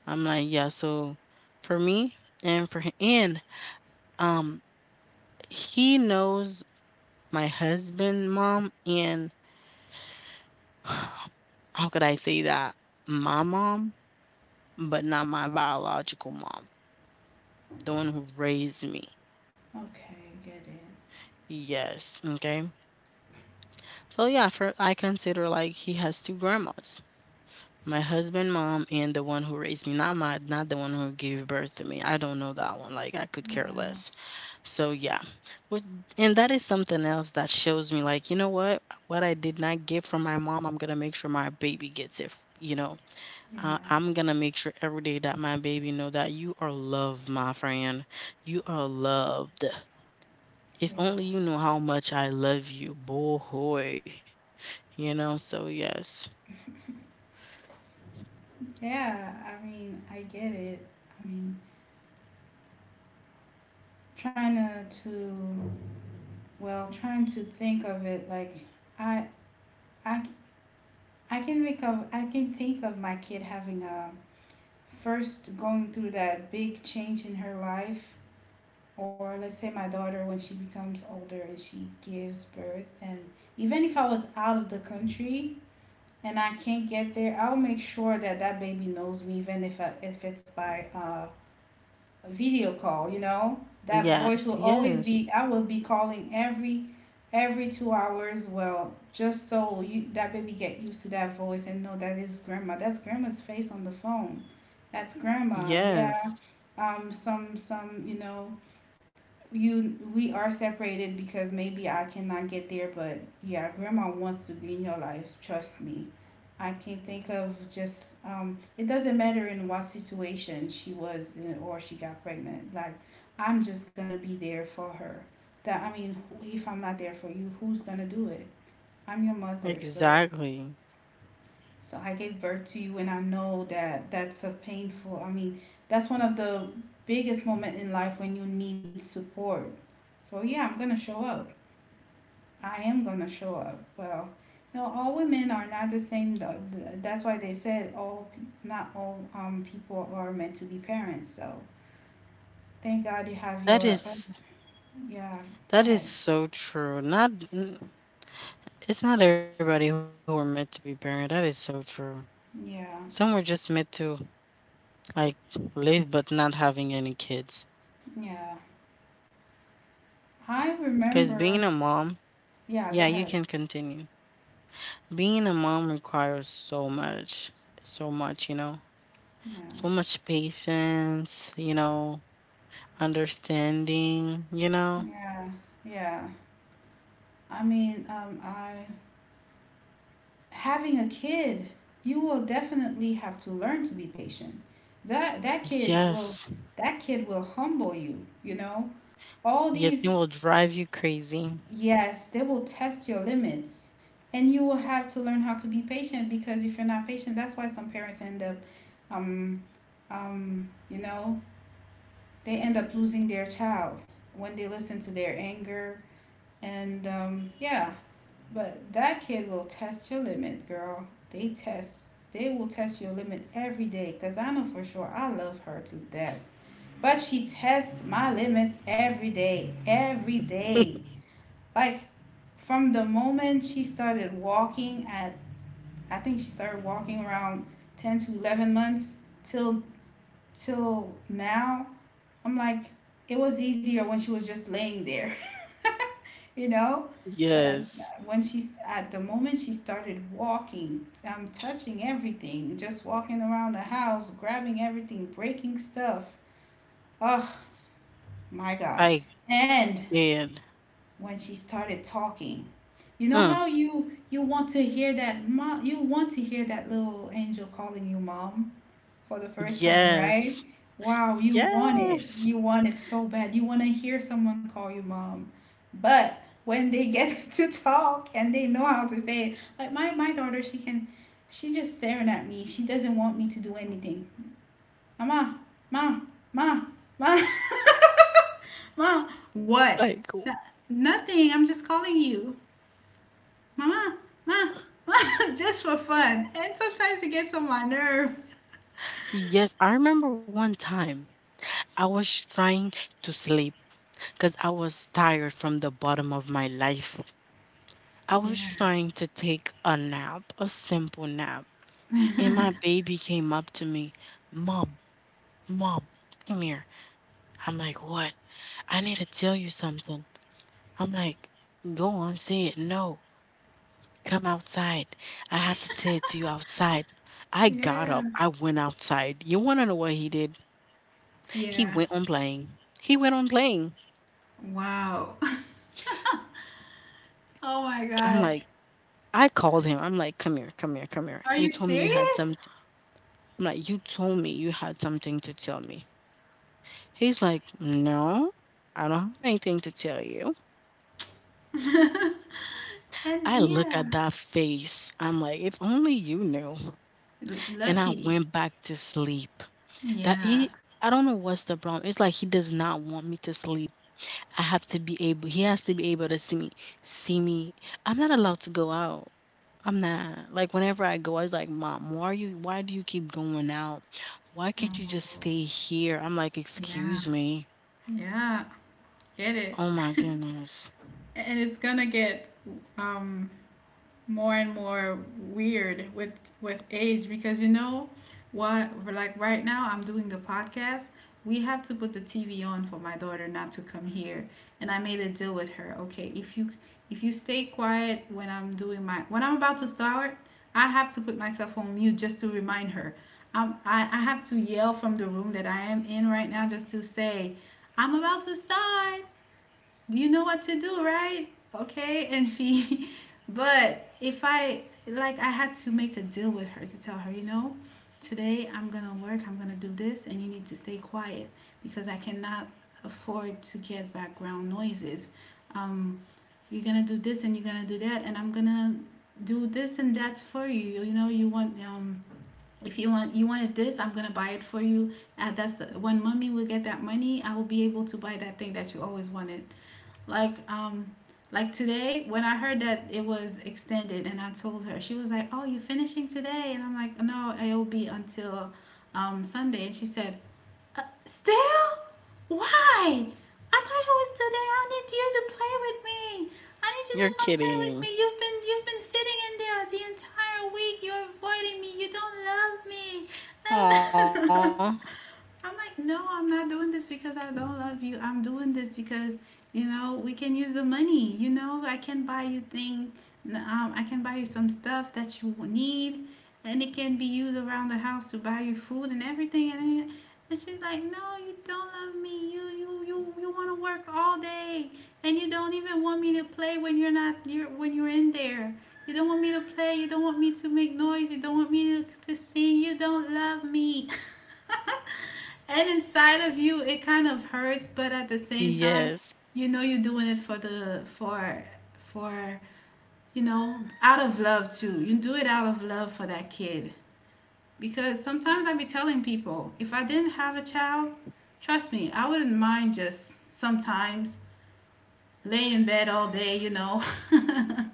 I'm like, yeah. So for me and for him, and um, he knows my husband mom and [SIGHS] how could I say that? My mom, but not my biological mom, the one who raised me. Okay. Get it. Yes, okay. So yeah, for I consider like he has two grandmas. My husband mom and the one who raised me, not my not the one who gave birth to me. I don't know that one. Like I could care Yeah. less. So yeah. Which, and that is something else that shows me like, you know what? What I did not get from my mom, I'm gonna make sure my baby gets it, you know. Yeah. I, I'm gonna make sure every day that my baby know that you are loved, my friend. You are loved. Yeah. If only you know how much I love you, boy. You know, so yes. Yeah, I mean, I get it. I mean, trying to, to well, trying to think of it like I, I, I can think of I can think of my kid having a first going through that big change in her life, or let's say my daughter when she becomes older and she gives birth, and even if I was out of the country and I can't get there, I'll make sure that that baby knows me, even if I, if it's by uh a video call, you know? That voice will Yes, always be yes, I will be calling every every two hours, well, just so you that baby get used to that voice and know that is grandma. That's grandma's face on the phone. That's grandma. Yeah. yes. Um some some, you know, you we are separated because maybe I cannot get there, but yeah, grandma wants to be in your life. Trust me. I can think of just um, it doesn't matter in what situation she was in or she got pregnant. Like I'm just gonna be there for her. That I mean, if I'm not there for you, who's gonna do it? I'm your mother, so Exactly. so I gave birth to you, and I know that that's a painful. I mean, that's one of the biggest moment in life when you need support. So yeah, I'm gonna show up. I am gonna show up. Well, you know, all women are not the same. Though. That's why they said all, not all um people are meant to be parents. So thank God you have That your. is Yeah, go that is ahead. so true. Not n- it's not everybody who are meant to be parent. That is so true. Some were Yeah, just meant to like live but not having any kids. yeah. I Because being remember. a mom, Yeah, go yeah, you ahead. can continue. Being a mom requires so much, so much, you know, Yeah, so much patience, you know, understanding, you know. yeah, yeah. I mean, um, I having a kid, you will definitely have to learn to be patient. That that kid will Yes, that kid will humble you, you know? All yes, these it will drive you crazy. yes, they will test your limits. And you will have to learn how to be patient because if you're not patient, that's why some parents end up um um, you know, they end up losing their child when they listen to their anger and um yeah, but that kid will test your limit, girl. They test, they will test your limit every day. Cause I know for sure I love her to death. But she tests my limits every day, every day. [LAUGHS] Like from the moment she started walking at, I think she started walking around ten to eleven months till till now I'm like, it was easier when she was just laying there, [LAUGHS] you know? But I, Yes, when she's at the moment she started walking, I'm touching everything, just walking around the house, grabbing everything, breaking stuff. Oh my God. I And did. when she started talking, you know Mm, how you you want to hear that mom, you want to hear that little angel calling you mom for the first time, right? yes, Wow, you want it. yes. You want it so bad. You want to hear someone call you mom. But when they get [LAUGHS] to talk and they know how to say it, like my, my daughter, she can, she just staring at me. She doesn't want me to do anything. Mama, ma, ma, ma, [LAUGHS] ma. What? Like, w- No- Nothing. I'm just calling you. Mama, ma, ma, [LAUGHS] just for fun. And sometimes it gets on my nerve. yes, I remember one time I was trying to sleep because I was tired from the bottom of my life. I was Yeah. trying to take a nap, a simple nap, and my baby came up to me, Mom, Mom, come here. I'm like, what? I need to tell you something. I'm like, go on, say it. No, come outside. I have to tell it to you outside. I got Yeah. up. I went outside. You want to know what he did? He Yeah. went on playing. He went on playing. Wow. [LAUGHS] Oh my I'm God. like, I called him. I'm like, come here, come here, come here. Are You you told me you had serious? something. I'm like, you told me you had something to tell me. He's like, "No, I don't have anything to tell you." [LAUGHS] And I look at yeah, that face. I'm like, "If only you knew." l- And I lucky. went back to sleep. That Yeah. he I don't know what's the problem. It's like he does not want me to sleep. I have to be able he has to be able to see me see me. I'm not allowed to go out. I'm not. Like whenever I go, I was like, mom, why are you why do you keep going out? Why can't you just Oh, stay here? I'm like, yeah. excuse me. Yeah. Get it. Oh my goodness. [LAUGHS] And it's gonna get um more and more weird with with age because you know what like right now I'm doing the podcast. We have to put the T V on for my daughter not to come here, and I made a deal with her. Okay, if you if you stay quiet when I'm doing my when I'm about to start, I have to put myself on mute just to remind her. Um, I, I have to yell from the room that I am in right now just to say I'm about to start. You know what to do, right? Okay. And she, [LAUGHS] but if I, like, I had to make a deal with her to tell her, you know, today I'm going to work, I'm going to do this, and you need to stay quiet because I cannot afford to get background noises. Um, you're going to do this and you're going to do that, and I'm going to do this and that for you. You know, you want, um, if you want you wanted this, I'm gonna buy it for you, and that's when mommy will get that money. I will be able to buy that thing that you always wanted. Like um like today when I heard that it was extended and I told her, she was like, "Oh, you're finishing today?" And I'm like, "No, it will be until um Sunday." And she said, uh, still? Why? I thought it was today. I need you to play with me. I need you You're to come play with kidding. me. You've been you've been sitting in there the entire week. You're avoiding me. You Aw. don't love me. [LAUGHS] I'm like, no, I'm not doing this because I don't love you. I'm doing this because you know we can use the money. You know I can buy you things. Um, I can buy you some stuff that you need, and it can be used around the house to buy you food and everything. And and she's like, no, you don't love me. You you you you wanna work all day and you don't even want me to play when you're not you're when you're in there. You don't want me to play, you don't want me to make noise, you don't want me to, to sing, you don't love me. [LAUGHS] And inside of you it kind of hurts, but at the same time, Yes. you know you're doing it for the for for you know, out of love too. You do it out of love for that kid. Because sometimes I be telling people, if I didn't have a child, trust me, I wouldn't mind just sometimes lay in bed all day, you know.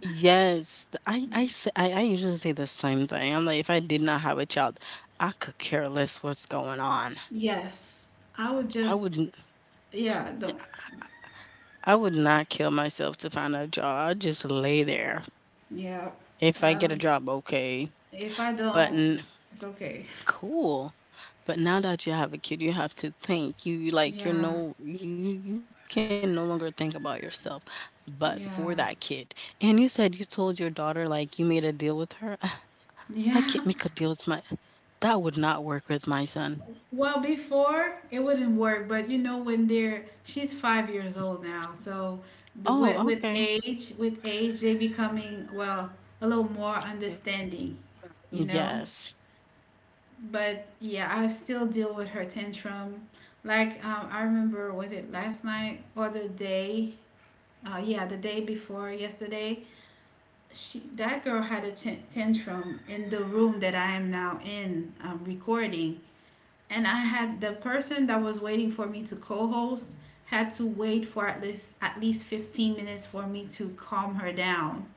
Yes. Th I I say I I usually say the same thing. I'm like, "If I did not have a child, I could care less what's going on. [LAUGHS] Yes, I would I just, wouldn't yeah, don't, I would not kill myself to find a job. I'll just lay there. yeah. If I get a Um, job, okay. if I But don't, n it's okay. cool. But now that you have a kid, you have to think. You you, like, you're Yeah, no you you you can no longer think about yourself, but for that kid." yeah, And you said you told your daughter, like, you made a deal with her. [LAUGHS] I can't make yeah. a deal with my That would not work with my son. Well, before it wouldn't work, but you know when they're she's five years old now, so the with, Oh, with okay. age with age they becoming well a little more Mm, understanding, oh, you know. yes. But yeah, I still deal with her tantrum. Like um, I remember, was it last night or the day? Uh, yeah, the day before yesterday, she that girl had a t- tantrum in the room that I am now in um, recording, and I had the person that was waiting for me to co-host had to wait for at least at least fifteen minutes for me to calm her down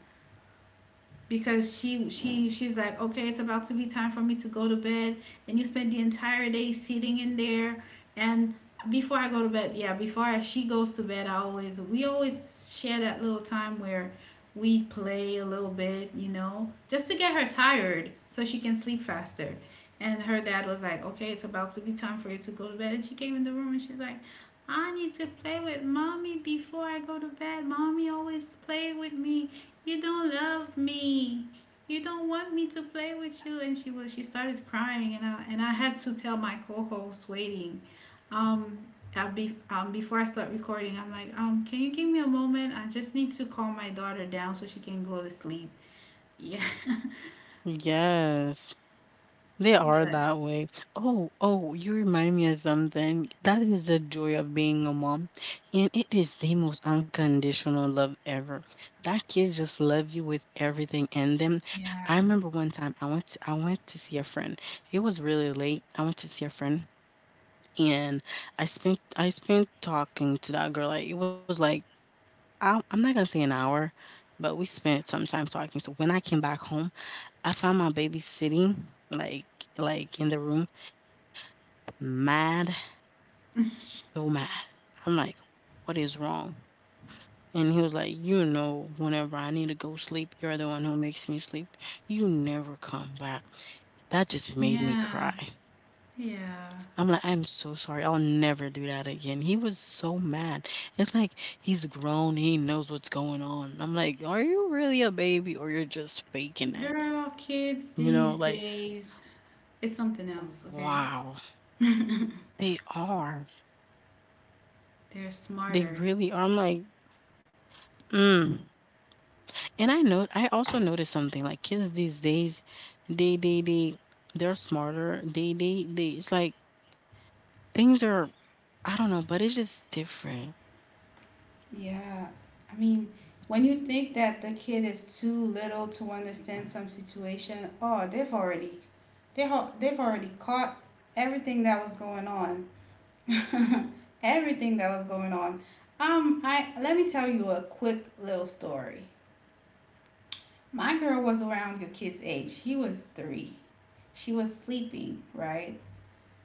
because she she she's like okay it's about to be time for me to go to bed and you spend the entire day sitting in there. And before I go to bed, yeah, before I, she goes to bed, I always we always share that little time where we play a little bit, you know, just to get her tired so she can sleep faster. And her dad was like okay it's about to be time for you to go to bed, and she came in the room and she's like, I need to play with mommy before I go to bed. Mommy always play with me. You don't love me, you don't want me to play with you. And she was she started crying, and i and i had to tell my co-host waiting. Um I'll be um Before I start recording, I'm like, um can you give me a moment? I just need to calm my daughter down so she can go to sleep. Yeah. [LAUGHS] Yes. They are But that way. Oh, oh, you remind me of something. That is the joy of being a mom. And it is the most unconditional love ever. That kid just love you with everything in them. I yeah, remember one time I went to, I went to see a friend. It was really late. I went to see a friend. And I spent I spent talking to that girl, like, it was like, I I'm not gonna say an hour, but we spent some time talking. So when I came back home, I found my baby sitting like like in the room, mad, so mad. I'm like, what is wrong? And he was like, you know, whenever I need to go sleep, you're the one who makes me sleep. You never come back. That just made me cry. yeah, yeah, I'm like, "I'm so sorry. I'll never do that again." He was so mad. It's like he's grown, he knows what's going on. I'm like, "Are you really a baby or you're just faking it?" girl, kids You know, these like, days, it's something else, okay. wow, [LAUGHS] they are. They're They smarter. really are. I'm like, mm. And I know I also noticed something like kids these days, they they they they're smarter. They they they it's like things are I don't know, but it's just different. Yeah. I mean, when you think that the kid is too little to understand some situation, oh, they've already they ho- they've already caught everything that was going on. [LAUGHS] Everything that was going on. Um, I Let me tell you a quick little story. My girl was around your kid's age. She was three. She was sleeping, right?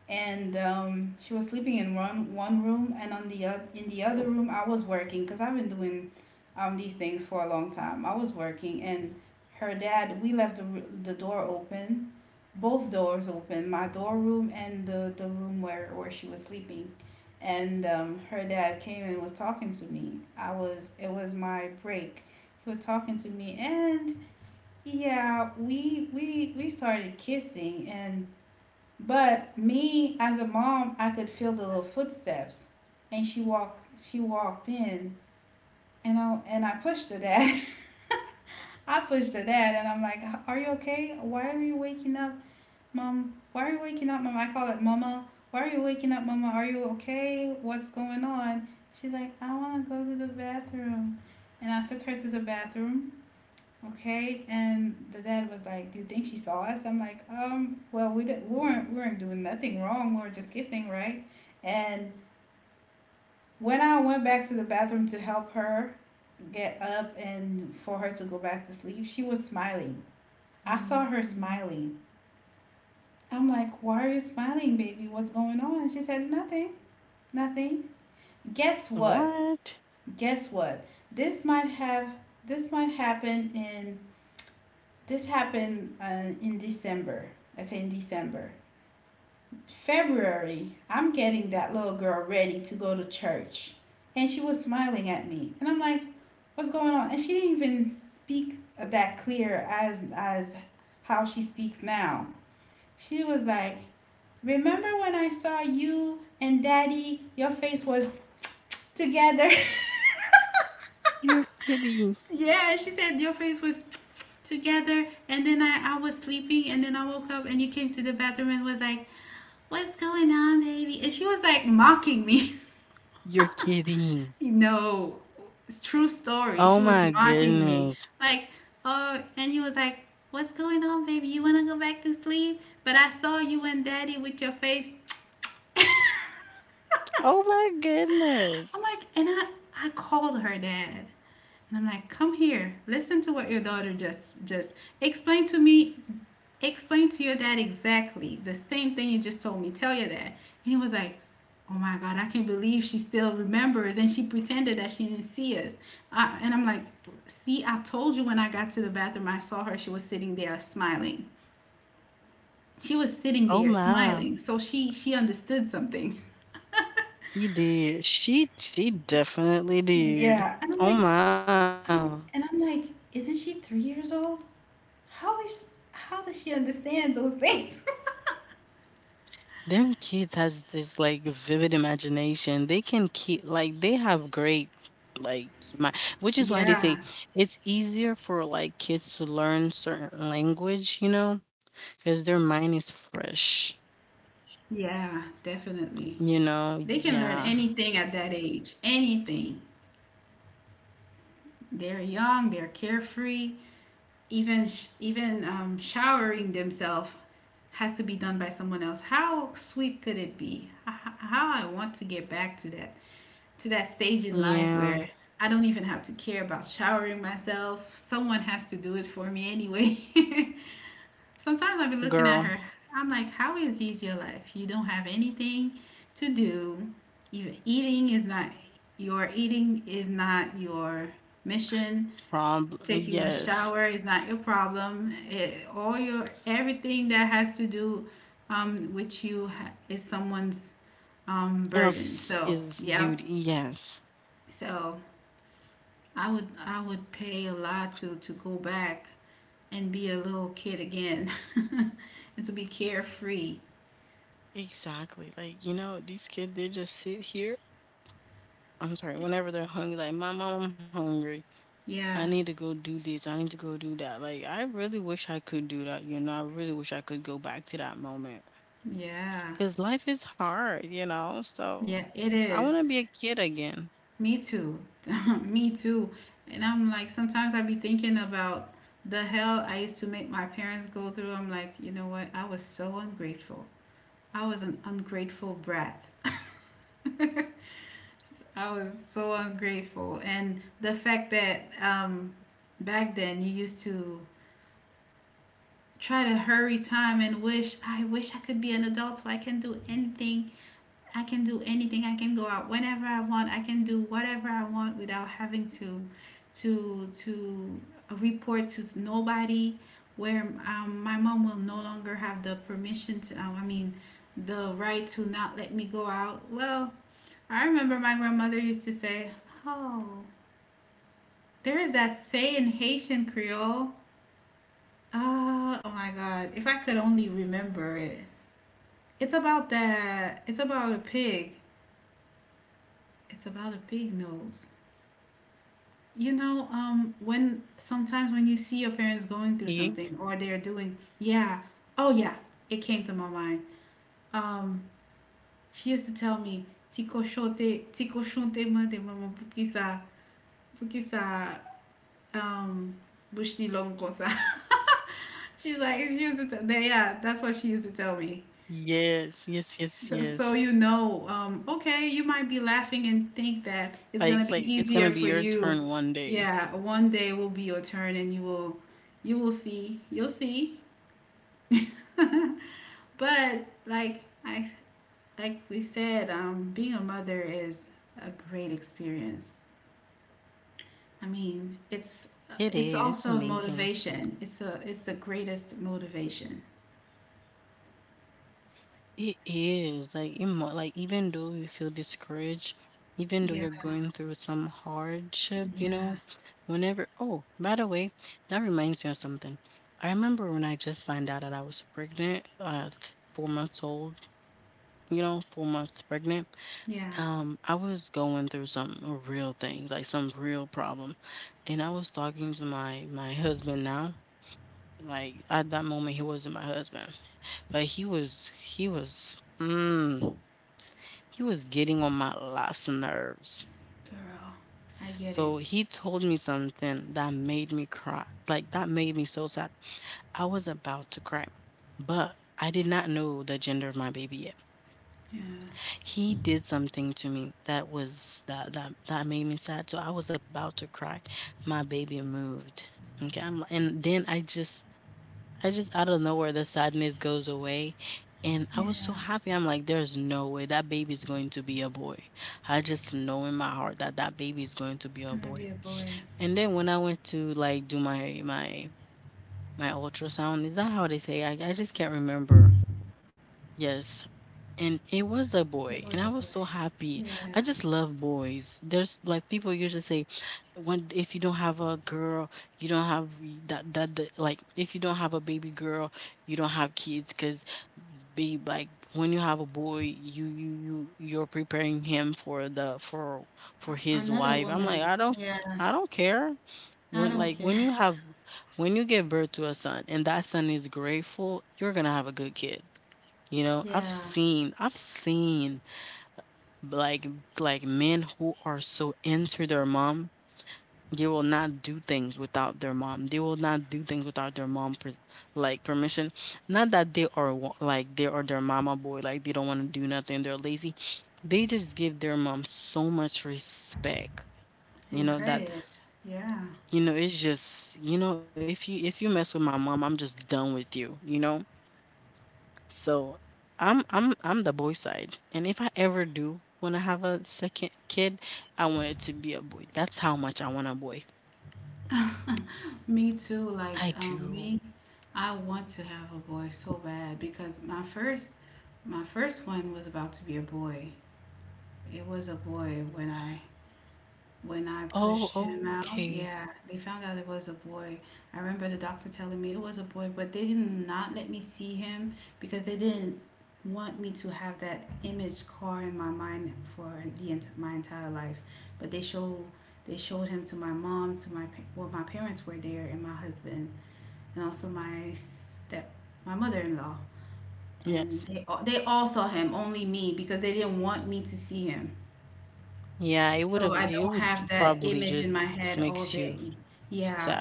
And um, she was sleeping in one one room, and on the oth- in the other room I was working, because I've been doing um, these things for a long time. I was working, and her dad we left the the door open, both doors open, my door room and the the room where where she was sleeping. And um, her dad came and was talking to me. I was It was my break. He was talking to me, and yeah, we we we started kissing. And but me as a mom, I could feel the little footsteps, and she walked. She walked in, and I and I pushed her dad. [LAUGHS] I pushed her dad, and I'm like, "Are you okay? Why are you waking up, mom? Why are you waking up, mom? I call it mama. Why are you waking up, mama? Are you okay? What's going on?" She's like, "I want to go to the bathroom." And I took her to the bathroom. Okay, and the dad was like, "Do you think she saw us?" I'm like, "Um, well, we didn't, we weren't, we weren't doing nothing wrong. We were just kissing, right?" And when I went back to the bathroom to help her get up and for her to go back to sleep, she was smiling. I saw her smiling. I'm like, "Why are you smiling, baby? What's going on?" She said, "Nothing, nothing." Guess what? What? Guess what? This might have this might happen in this happened uh, in December. I say in December. February, I'm getting that little girl ready to go to church. And she was smiling at me. And I'm like, what's going on? And she didn't even speak that clear as as how she speaks now. She was like, remember when I saw you and daddy, your face was together? [LAUGHS] You're kidding. Yeah, she said your face was together, and then I, I was sleeping, and then I woke up, and you came to the bathroom and was like, what's going on, baby? And she was like mocking me. You're kidding. [LAUGHS] No, it's true story. Oh She was my mocking me. goodness. Like, oh, and he was like, what's going on, baby? You want to go back to sleep? But I saw you and daddy with your face. [LAUGHS] I'm Oh my goodness. like, and I, I called her dad. And I'm like, come here, listen to what your daughter just just explain to me, explain to your dad exactly the same thing you just told me. Tell your dad. And he was like, oh my god, I can't believe she still remembers, and she pretended that she didn't see us. Uh, and I'm like, see, I told you when I got to the bathroom, I saw her. She was sitting there smiling. She was sitting Oh there my. smiling, so she she understood something. You did. She she definitely did. Yeah. And I'm Oh like, my. um, and I'm like, isn't she three years old? How is how does she understand those things? [LAUGHS] Them kids has this like vivid imagination. They can keep like they have great like my which is why they Yeah, say it's easier for like kids to learn certain language, you know, because their mind is fresh. yeah, definitely. You know, They can learn yeah. anything at that age, anything. They're young, they're carefree. Even sh- even um, showering themselves has to be done by someone else. How sweet could it be? H- How I want to get back to that to that stage in life Yeah, where I don't even have to care about showering myself. Someone has to do it for me anyway. [LAUGHS] Sometimes I'll be looking at girl, her. I'm like, how is this your life? You don't have anything to do. Even eating is not your eating is not your mission. problem. Taking a shower Yes. is not your problem. It, all your everything that has to do um, with you ha- is someone's um, burden. Else So is yeah. duty. Yes. So I would I would pay a lot to to go back and be a little kid again [LAUGHS] and to be carefree. Exactly. Like, you know, these kids they just sit here. I'm sorry, whenever they're hungry, like my mom, I'm hungry. I Yeah, need to go do this. I need to go do that. Like I really wish I could do that, you know. I really wish I could go back to that moment. yeah, Cause life is hard, you know. So yeah, it I is. wanna be a kid again. Me too. [LAUGHS] Me too. And I'm like, sometimes I be thinking about the hell I used to make my parents go through. I'm like, you know what? I was so ungrateful. I was an ungrateful brat. I was so ungrateful. And the fact that um, back then you used to try to hurry time and wish, I wish I could be an adult so I can do anything. I can do anything. I can go out whenever I want. I can do whatever I want without having to to to report to nobody. Where um, my mom will no longer have the permission to, um, I mean, the right to not let me go out. Well, I remember my grandmother used to say, "Oh, there is that say in Haitian Creole." Uh, oh my God! If I could only remember it. It's about that. It's about a pig. It's about a pig nose. You know, um, Ye- when sometimes when you see your parents going through something or they're doing, yeah, oh yeah, it came to my mind. Um, she used to tell me, "Tiko shote, tiko shonte ma de mama bukisa, bukisa, um, bushni long kosa." [LAUGHS] She's like, she used to tell, yeah, that's Yes, what she yes, used to yes, tell me. yes. So, so you know, um, okay, you might Like be it's like laughing it's and gonna be think your that turn it's one gonna be day. easier for you. Yeah, one day will be your turn, and you will, you will see, you'll see. [LAUGHS] But like I, like we said, um, being a mother is a great experience. I It mean, is. it's It's it's amazing. also motivation. It's a it's the greatest motivation. It is like it mo- like even though you feel discouraged, even though you're Yeah, going through some hardship, you know, yeah, whenever oh, by the way, that reminds me of something. I remember when I just found out that I was pregnant, uh, t- four months old, you know, four months pregnant. yeah, Um, I was going through some real things, like some real problem, and I was talking to my my husband now. Like at that moment, he wasn't my husband. But he was he was mm, he was getting on my last nerves. girl, I get it. So he told me something that made me cry. Like that made me so sad. I was about to cry, but I did not know the gender of my baby yet. Yeah, He did something to me that was that that that made me sad. So I was about to cry. My baby moved. Okay, I'm, and then I just I just out of nowhere the sadness goes away. And yeah. I was so happy. I'm like, there's no way that baby's going to be a boy. I just know in my heart that that baby is going to be Gonna a be a boy. boy. And then when I went to like do my my my ultrasound, is that how they say? I I just can't remember. Yes. And it It was a was a boy. boy, and I was so Yeah. happy. I just love boys. There's like people usually say, when if you don't have a girl, you don't have y- that that, that like if you don't have a baby girl, you don't have kids. Cause be like when you have a boy, you you you you're preparing him for the for for his Another wife. I'm woman. like I don't Yeah. I don't care I when don't like care. when [LAUGHS] you have when you give birth to a son and that son is grateful, you're gonna have a good kid. You know, I've Yeah. seen I've seen like like men who are so into their mom, they will not do things without their mom. They will not do things without their mom pers- like permission. Not that they are wa- like they are their mama boy, like they don't want to do nothing, they're lazy. They just give their mom so much respect. You And know that credit. Yeah. you know it's just you know if you if you mess with my mom, I'm just done with you, you know? So, I'm I'm I'm the boy side, and if I ever do wanna have a second kid, I want it to be a boy. That's how much I want a boy. [LAUGHS] Me too. Like, I um, do. me, I want to have a boy so bad because my first, my first one was about to be a boy. It was a boy when I, when I Oh, pushed him out, okay. yeah, they found out it was a boy. I remember the doctor telling me it was a boy, but they did not let me see him because they didn't want me to have that image car in my mind for the ent- my entire life. But they show they showed him to my mom, to my pa- well, my parents were there, and my husband, and also my step my mother in law, and Yes. they all, they all saw him, only me because they didn't want me to see him Yeah, it would so have I it don't would have that probably image in just my head makes all you day. sad. Yeah.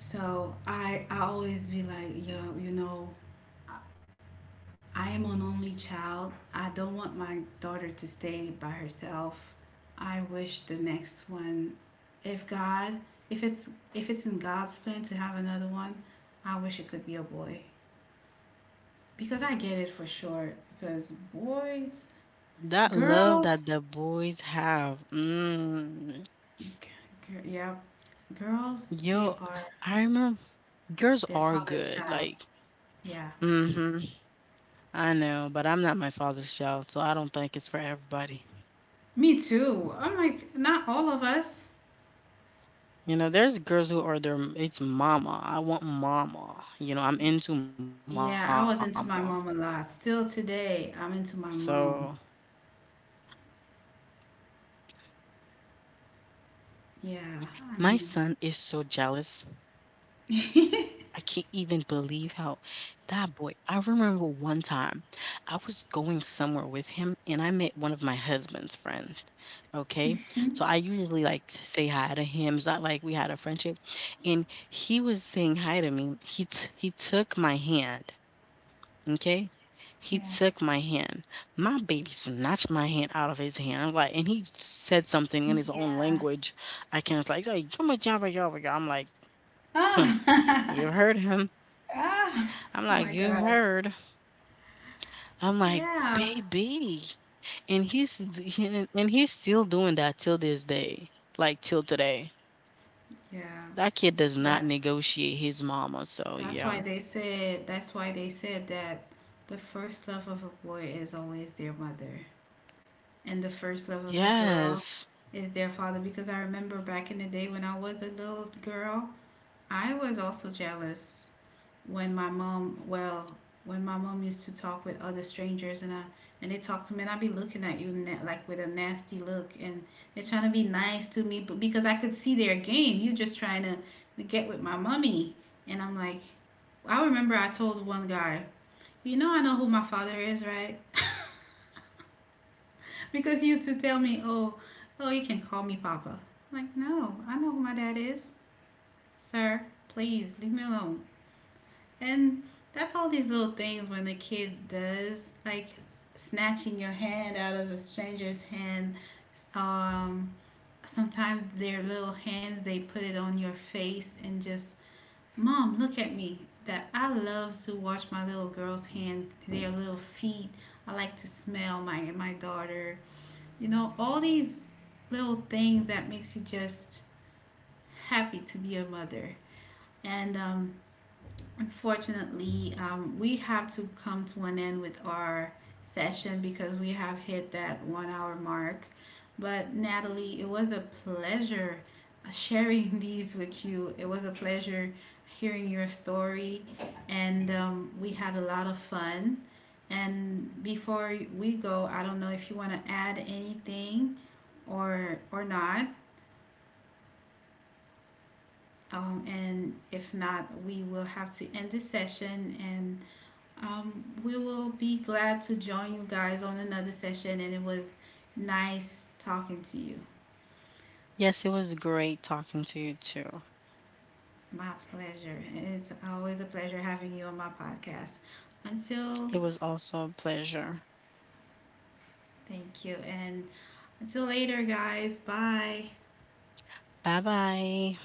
So I I always be like, yo, you know, I I am an only child. I don't want my daughter to stay by herself. I wish the next one, if God, if it's if it's in God's plan to have another one, I wish it could be a boy because I get it for sure. Because boys, That love girls, that the boys have. Mm. g- g- yeah, girls, they Yo, are I remember girls their are father's good. child. Like, Yeah, mm-hmm. I know, but I'm not my father's child, so I don't think it's for everybody. me too. I'm like, not all of us. You know, there's girls who are their it's mama. I want mama. You know, I'm into mama. Yeah, I was into my mom a lot. So Still today, I'm into my mom. my son is so Yeah, jealous. I mean, I can't even believe [LAUGHS] how that boy. I remember one time I was going somewhere with him and I met one of my husband's friends. Okay. So I usually like to say hi to him. It's not like we had a friendship. And he was saying hi to me. He t- he took my hand. Okay. He took my yeah, hand. My baby snatched my hand out of his hand. I'm like, and he said something in his own language. yeah. I can not. It's like, like "Yumma jabba yabba ya." I'm like, "Hmm, you heard Ah, him." [LAUGHS] ah, I'm like, oh you my God. heard. I'm like, baby. Yeah, And he's d- and he's still doing that till this day. Like till today. That kid yeah. does not That's negotiate his mama. So yeah. that's why they said that's why they said that the first love of a boy is always their mother, and the first love of a Yes. girl is their father. Because I remember back in the day when I was a little girl. I was also jealous when my mom, well, when my mom used to talk with other strangers and I and they talk to me and I'd be looking at you na- like with a nasty look and they're trying to be nice to me but because I could see their game. You just trying to, to get with my mommy and I'm like I remember I told one guy, "You know I know who my father is, right?" [LAUGHS] Because he used to tell me, "Oh, oh you can call me papa." I'm like, "No, I know who my dad is. Sir, please leave me alone." And that's all these little things when a kid does, like snatching your hand out of a stranger's hand. Um, Sometimes their little hands, they put it on your face and just, mom, look at me. That I love to watch my little girl's hands, their little feet. I like to smell my my daughter. You know, all these little things that makes you just happy to be a mother. And um, unfortunately, um, we have to come to an end with our session because we have hit that one hour mark. But Natalie, it was a pleasure sharing [LAUGHS] these with you. It was a pleasure hearing your story, and um, we had a lot of fun. And before we go, I don't know if you want to add anything or or not. Um, and if not, we will have to end this session and Um, we will be glad to join you guys on another session, and it was nice talking to you. Yes, it was great talking to you too. My pleasure. It's always a pleasure having you on my podcast. Until, It was also a pleasure. thank you. And until later, guys. Bye. 拜拜。